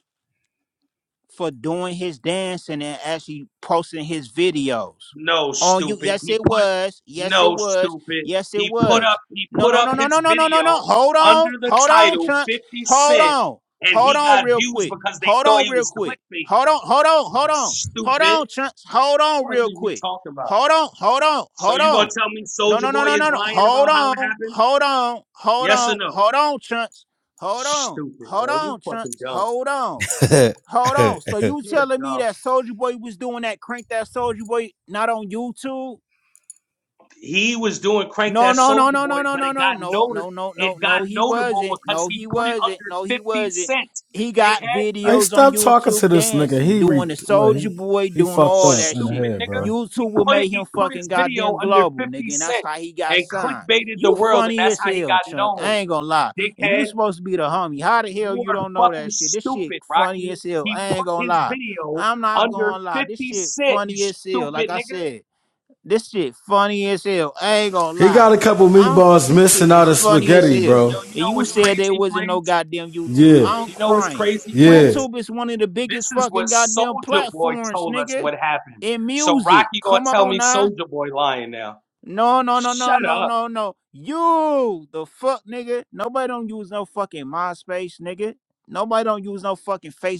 Speaker 4: for doing his dancing and actually posting his videos
Speaker 3: No,
Speaker 4: on you.
Speaker 3: stupid.
Speaker 4: Yes,
Speaker 3: He
Speaker 4: it
Speaker 3: put
Speaker 4: was. Yes, it
Speaker 3: no,
Speaker 4: was.
Speaker 3: stupid.
Speaker 4: Yes, it
Speaker 3: He put up
Speaker 4: was.
Speaker 3: he
Speaker 4: No,
Speaker 3: put
Speaker 4: no,
Speaker 3: up
Speaker 4: no, no, no,
Speaker 3: his
Speaker 4: no, no, no, no.
Speaker 3: video
Speaker 4: Hold on.
Speaker 3: under the
Speaker 4: Hold on,
Speaker 3: title
Speaker 4: chunks.
Speaker 3: 50
Speaker 4: Hold
Speaker 3: Cent
Speaker 4: on.
Speaker 3: and
Speaker 4: Hold
Speaker 3: he
Speaker 4: on
Speaker 3: got
Speaker 4: real
Speaker 3: views
Speaker 4: quick.
Speaker 3: because they
Speaker 4: Hold
Speaker 3: thought
Speaker 4: on
Speaker 3: he
Speaker 4: real
Speaker 3: was
Speaker 4: quick.
Speaker 3: clickbait.
Speaker 4: Hold on. Hold on. Hold on. Hold
Speaker 3: Stupid.
Speaker 4: on, chunks. Hold on
Speaker 3: What are
Speaker 4: real
Speaker 3: you
Speaker 4: quick.
Speaker 3: talking about?
Speaker 4: Hold on. Hold on.
Speaker 3: So
Speaker 4: Hold
Speaker 3: you gonna
Speaker 4: on.
Speaker 3: tell me
Speaker 4: No,
Speaker 3: Soldier
Speaker 4: no, no,
Speaker 3: Boy
Speaker 4: no, no,
Speaker 3: is
Speaker 4: no.
Speaker 3: lying
Speaker 4: Hold
Speaker 3: about how it
Speaker 4: on.
Speaker 3: happened?
Speaker 4: Hold on. Hold
Speaker 3: Yes or
Speaker 4: on.
Speaker 3: no?
Speaker 4: Hold on, chunks. Hold on.
Speaker 3: Stupid,
Speaker 4: Hold
Speaker 3: yo. You
Speaker 4: on,
Speaker 3: fucking
Speaker 4: chunks.
Speaker 3: dumb.
Speaker 4: Hold on. Hold on. So you
Speaker 3: You're
Speaker 4: telling me
Speaker 3: dumb.
Speaker 4: that Soldier Boy was doing that crank that Soldier Boy not on YouTube?
Speaker 3: He was doing crank
Speaker 4: No,
Speaker 3: that
Speaker 4: no, no,
Speaker 3: Soldier
Speaker 4: no,
Speaker 3: Boy,
Speaker 4: no, no,
Speaker 3: but
Speaker 4: no,
Speaker 3: it
Speaker 4: no,
Speaker 3: got
Speaker 4: no,
Speaker 3: noted.
Speaker 4: no, no,
Speaker 3: It
Speaker 4: no,
Speaker 3: got
Speaker 4: no, he
Speaker 3: notable
Speaker 4: wasn't.
Speaker 3: because
Speaker 4: No,
Speaker 3: he
Speaker 4: he
Speaker 3: put it
Speaker 4: wasn't.
Speaker 3: under
Speaker 4: No, he
Speaker 3: fifty
Speaker 4: wasn't.
Speaker 3: cent.
Speaker 4: He got
Speaker 3: Dickhead,
Speaker 1: Hey,
Speaker 4: videos on
Speaker 1: stop talking to
Speaker 4: YouTube
Speaker 1: this nigga.
Speaker 4: dancing,
Speaker 1: He re
Speaker 4: doing the
Speaker 1: look,
Speaker 4: soldier
Speaker 1: he,
Speaker 4: boy,
Speaker 1: he
Speaker 4: doing
Speaker 1: fucked
Speaker 4: all
Speaker 1: up
Speaker 4: that
Speaker 1: in the
Speaker 4: shit.
Speaker 3: stupid
Speaker 1: head,
Speaker 3: nigga.
Speaker 1: bro.
Speaker 3: He
Speaker 4: YouTube will
Speaker 3: put it.
Speaker 4: make
Speaker 3: He
Speaker 4: him
Speaker 3: put his
Speaker 4: fucking
Speaker 3: video
Speaker 4: goddamn
Speaker 3: under
Speaker 4: global,
Speaker 3: fifty
Speaker 4: nigga, and that's
Speaker 3: cent
Speaker 4: how he got
Speaker 3: and
Speaker 4: signed.
Speaker 3: clickbaited the
Speaker 4: You
Speaker 3: world, and
Speaker 4: funny
Speaker 3: that's
Speaker 4: as
Speaker 3: how he
Speaker 4: hell,
Speaker 3: got
Speaker 4: Chunk. I
Speaker 3: known.
Speaker 4: ain't gonna lie. And you
Speaker 3: Dickhead.
Speaker 4: supposed to be the homie. How the hell
Speaker 3: You
Speaker 4: you
Speaker 3: are
Speaker 4: don't know
Speaker 3: fucking
Speaker 4: that shit? This shit
Speaker 3: stupid,
Speaker 4: funny
Speaker 3: Rocky.
Speaker 4: as hell.
Speaker 3: He
Speaker 4: I ain't
Speaker 3: put
Speaker 4: gonna
Speaker 3: his
Speaker 4: lie.
Speaker 3: video
Speaker 4: I'm not
Speaker 3: under
Speaker 4: gonna lie.
Speaker 3: 50
Speaker 4: This shit
Speaker 3: cent, you
Speaker 4: funny as hell. Like
Speaker 3: stupid
Speaker 4: I
Speaker 3: nigga.
Speaker 4: said. This shit funny as hell. I ain't gonna
Speaker 1: He
Speaker 4: lie.
Speaker 1: got a couple
Speaker 4: I don't,
Speaker 1: meatballs
Speaker 4: this shit
Speaker 1: missing out
Speaker 4: is
Speaker 1: of
Speaker 4: funny as
Speaker 1: spaghetti,
Speaker 4: hell.
Speaker 1: bro.
Speaker 3: Yo, you
Speaker 4: And
Speaker 3: know
Speaker 4: you
Speaker 3: what's
Speaker 4: said there
Speaker 3: crazy,
Speaker 4: wasn't no
Speaker 3: Flames?
Speaker 4: goddamn YouTube.
Speaker 1: Yeah,
Speaker 4: I'm
Speaker 3: You know what's
Speaker 4: crying.
Speaker 3: crazy,
Speaker 1: yeah.
Speaker 3: Flames?
Speaker 4: YouTube is one of the
Speaker 3: This
Speaker 4: biggest
Speaker 3: is what
Speaker 4: fucking goddamn
Speaker 3: Soldier Boy
Speaker 4: platforms,
Speaker 3: told us
Speaker 4: nigga.
Speaker 3: what happened.
Speaker 4: In
Speaker 3: So
Speaker 4: music.
Speaker 3: Rocky gonna
Speaker 4: Come
Speaker 3: tell
Speaker 4: on
Speaker 3: me
Speaker 4: now.
Speaker 3: Soldier Boy lying now.
Speaker 4: No, no, no, no,
Speaker 3: Shut
Speaker 4: no,
Speaker 3: up.
Speaker 4: no, no. You the fuck, nigga. Nobody don't use no fucking MySpace, nigga. Nobody don't use no fucking Facebook.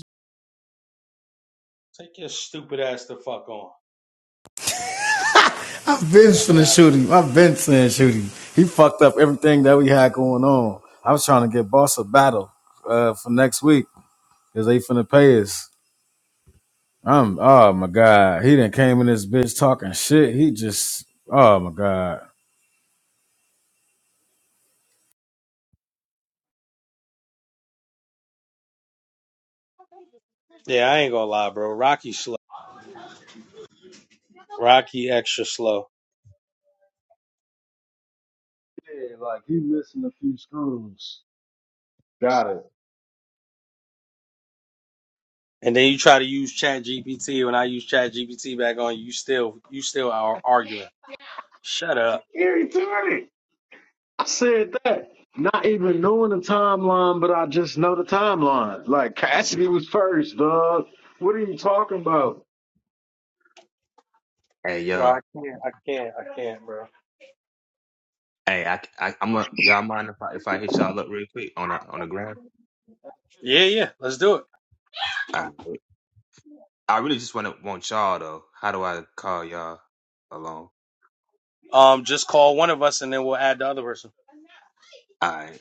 Speaker 3: Take your stupid ass the fuck on.
Speaker 1: I've been
Speaker 3: Fuck
Speaker 1: finna
Speaker 3: out.
Speaker 1: shoot him. I've been saying shoot him. He fucked up everything that we had going on. I was trying to get Boss a battle uh, for next week because they finna pay us. I'm oh my god. He didn't came in this bitch talking shit. He just oh my god.
Speaker 3: Yeah, I ain't gonna lie, bro. Rocky slow. Rocky extra slow.
Speaker 1: Yeah, like he missing a few screws. Got it.
Speaker 3: And then you try to use Chat GPT. When I use Chat GPT back on, you still you still are arguing. Shut up.
Speaker 1: Gary Tardy. I said that. Not even knowing the timeline, but I just know the timeline. Like Cassidy was first, dog. What are you talking about?
Speaker 5: Hey
Speaker 3: Bro,
Speaker 5: yo,
Speaker 3: I can't, I can't, I can't, bro.
Speaker 5: hey, I, I I'm a y'all mind if I if I hit y'all up real quick on a on the ground?
Speaker 3: Yeah, yeah. Let's do it.
Speaker 5: I I really just want to want y'all though. How do I call y'all along?
Speaker 3: Um, just call one of us and then we'll add the other person.
Speaker 5: All right.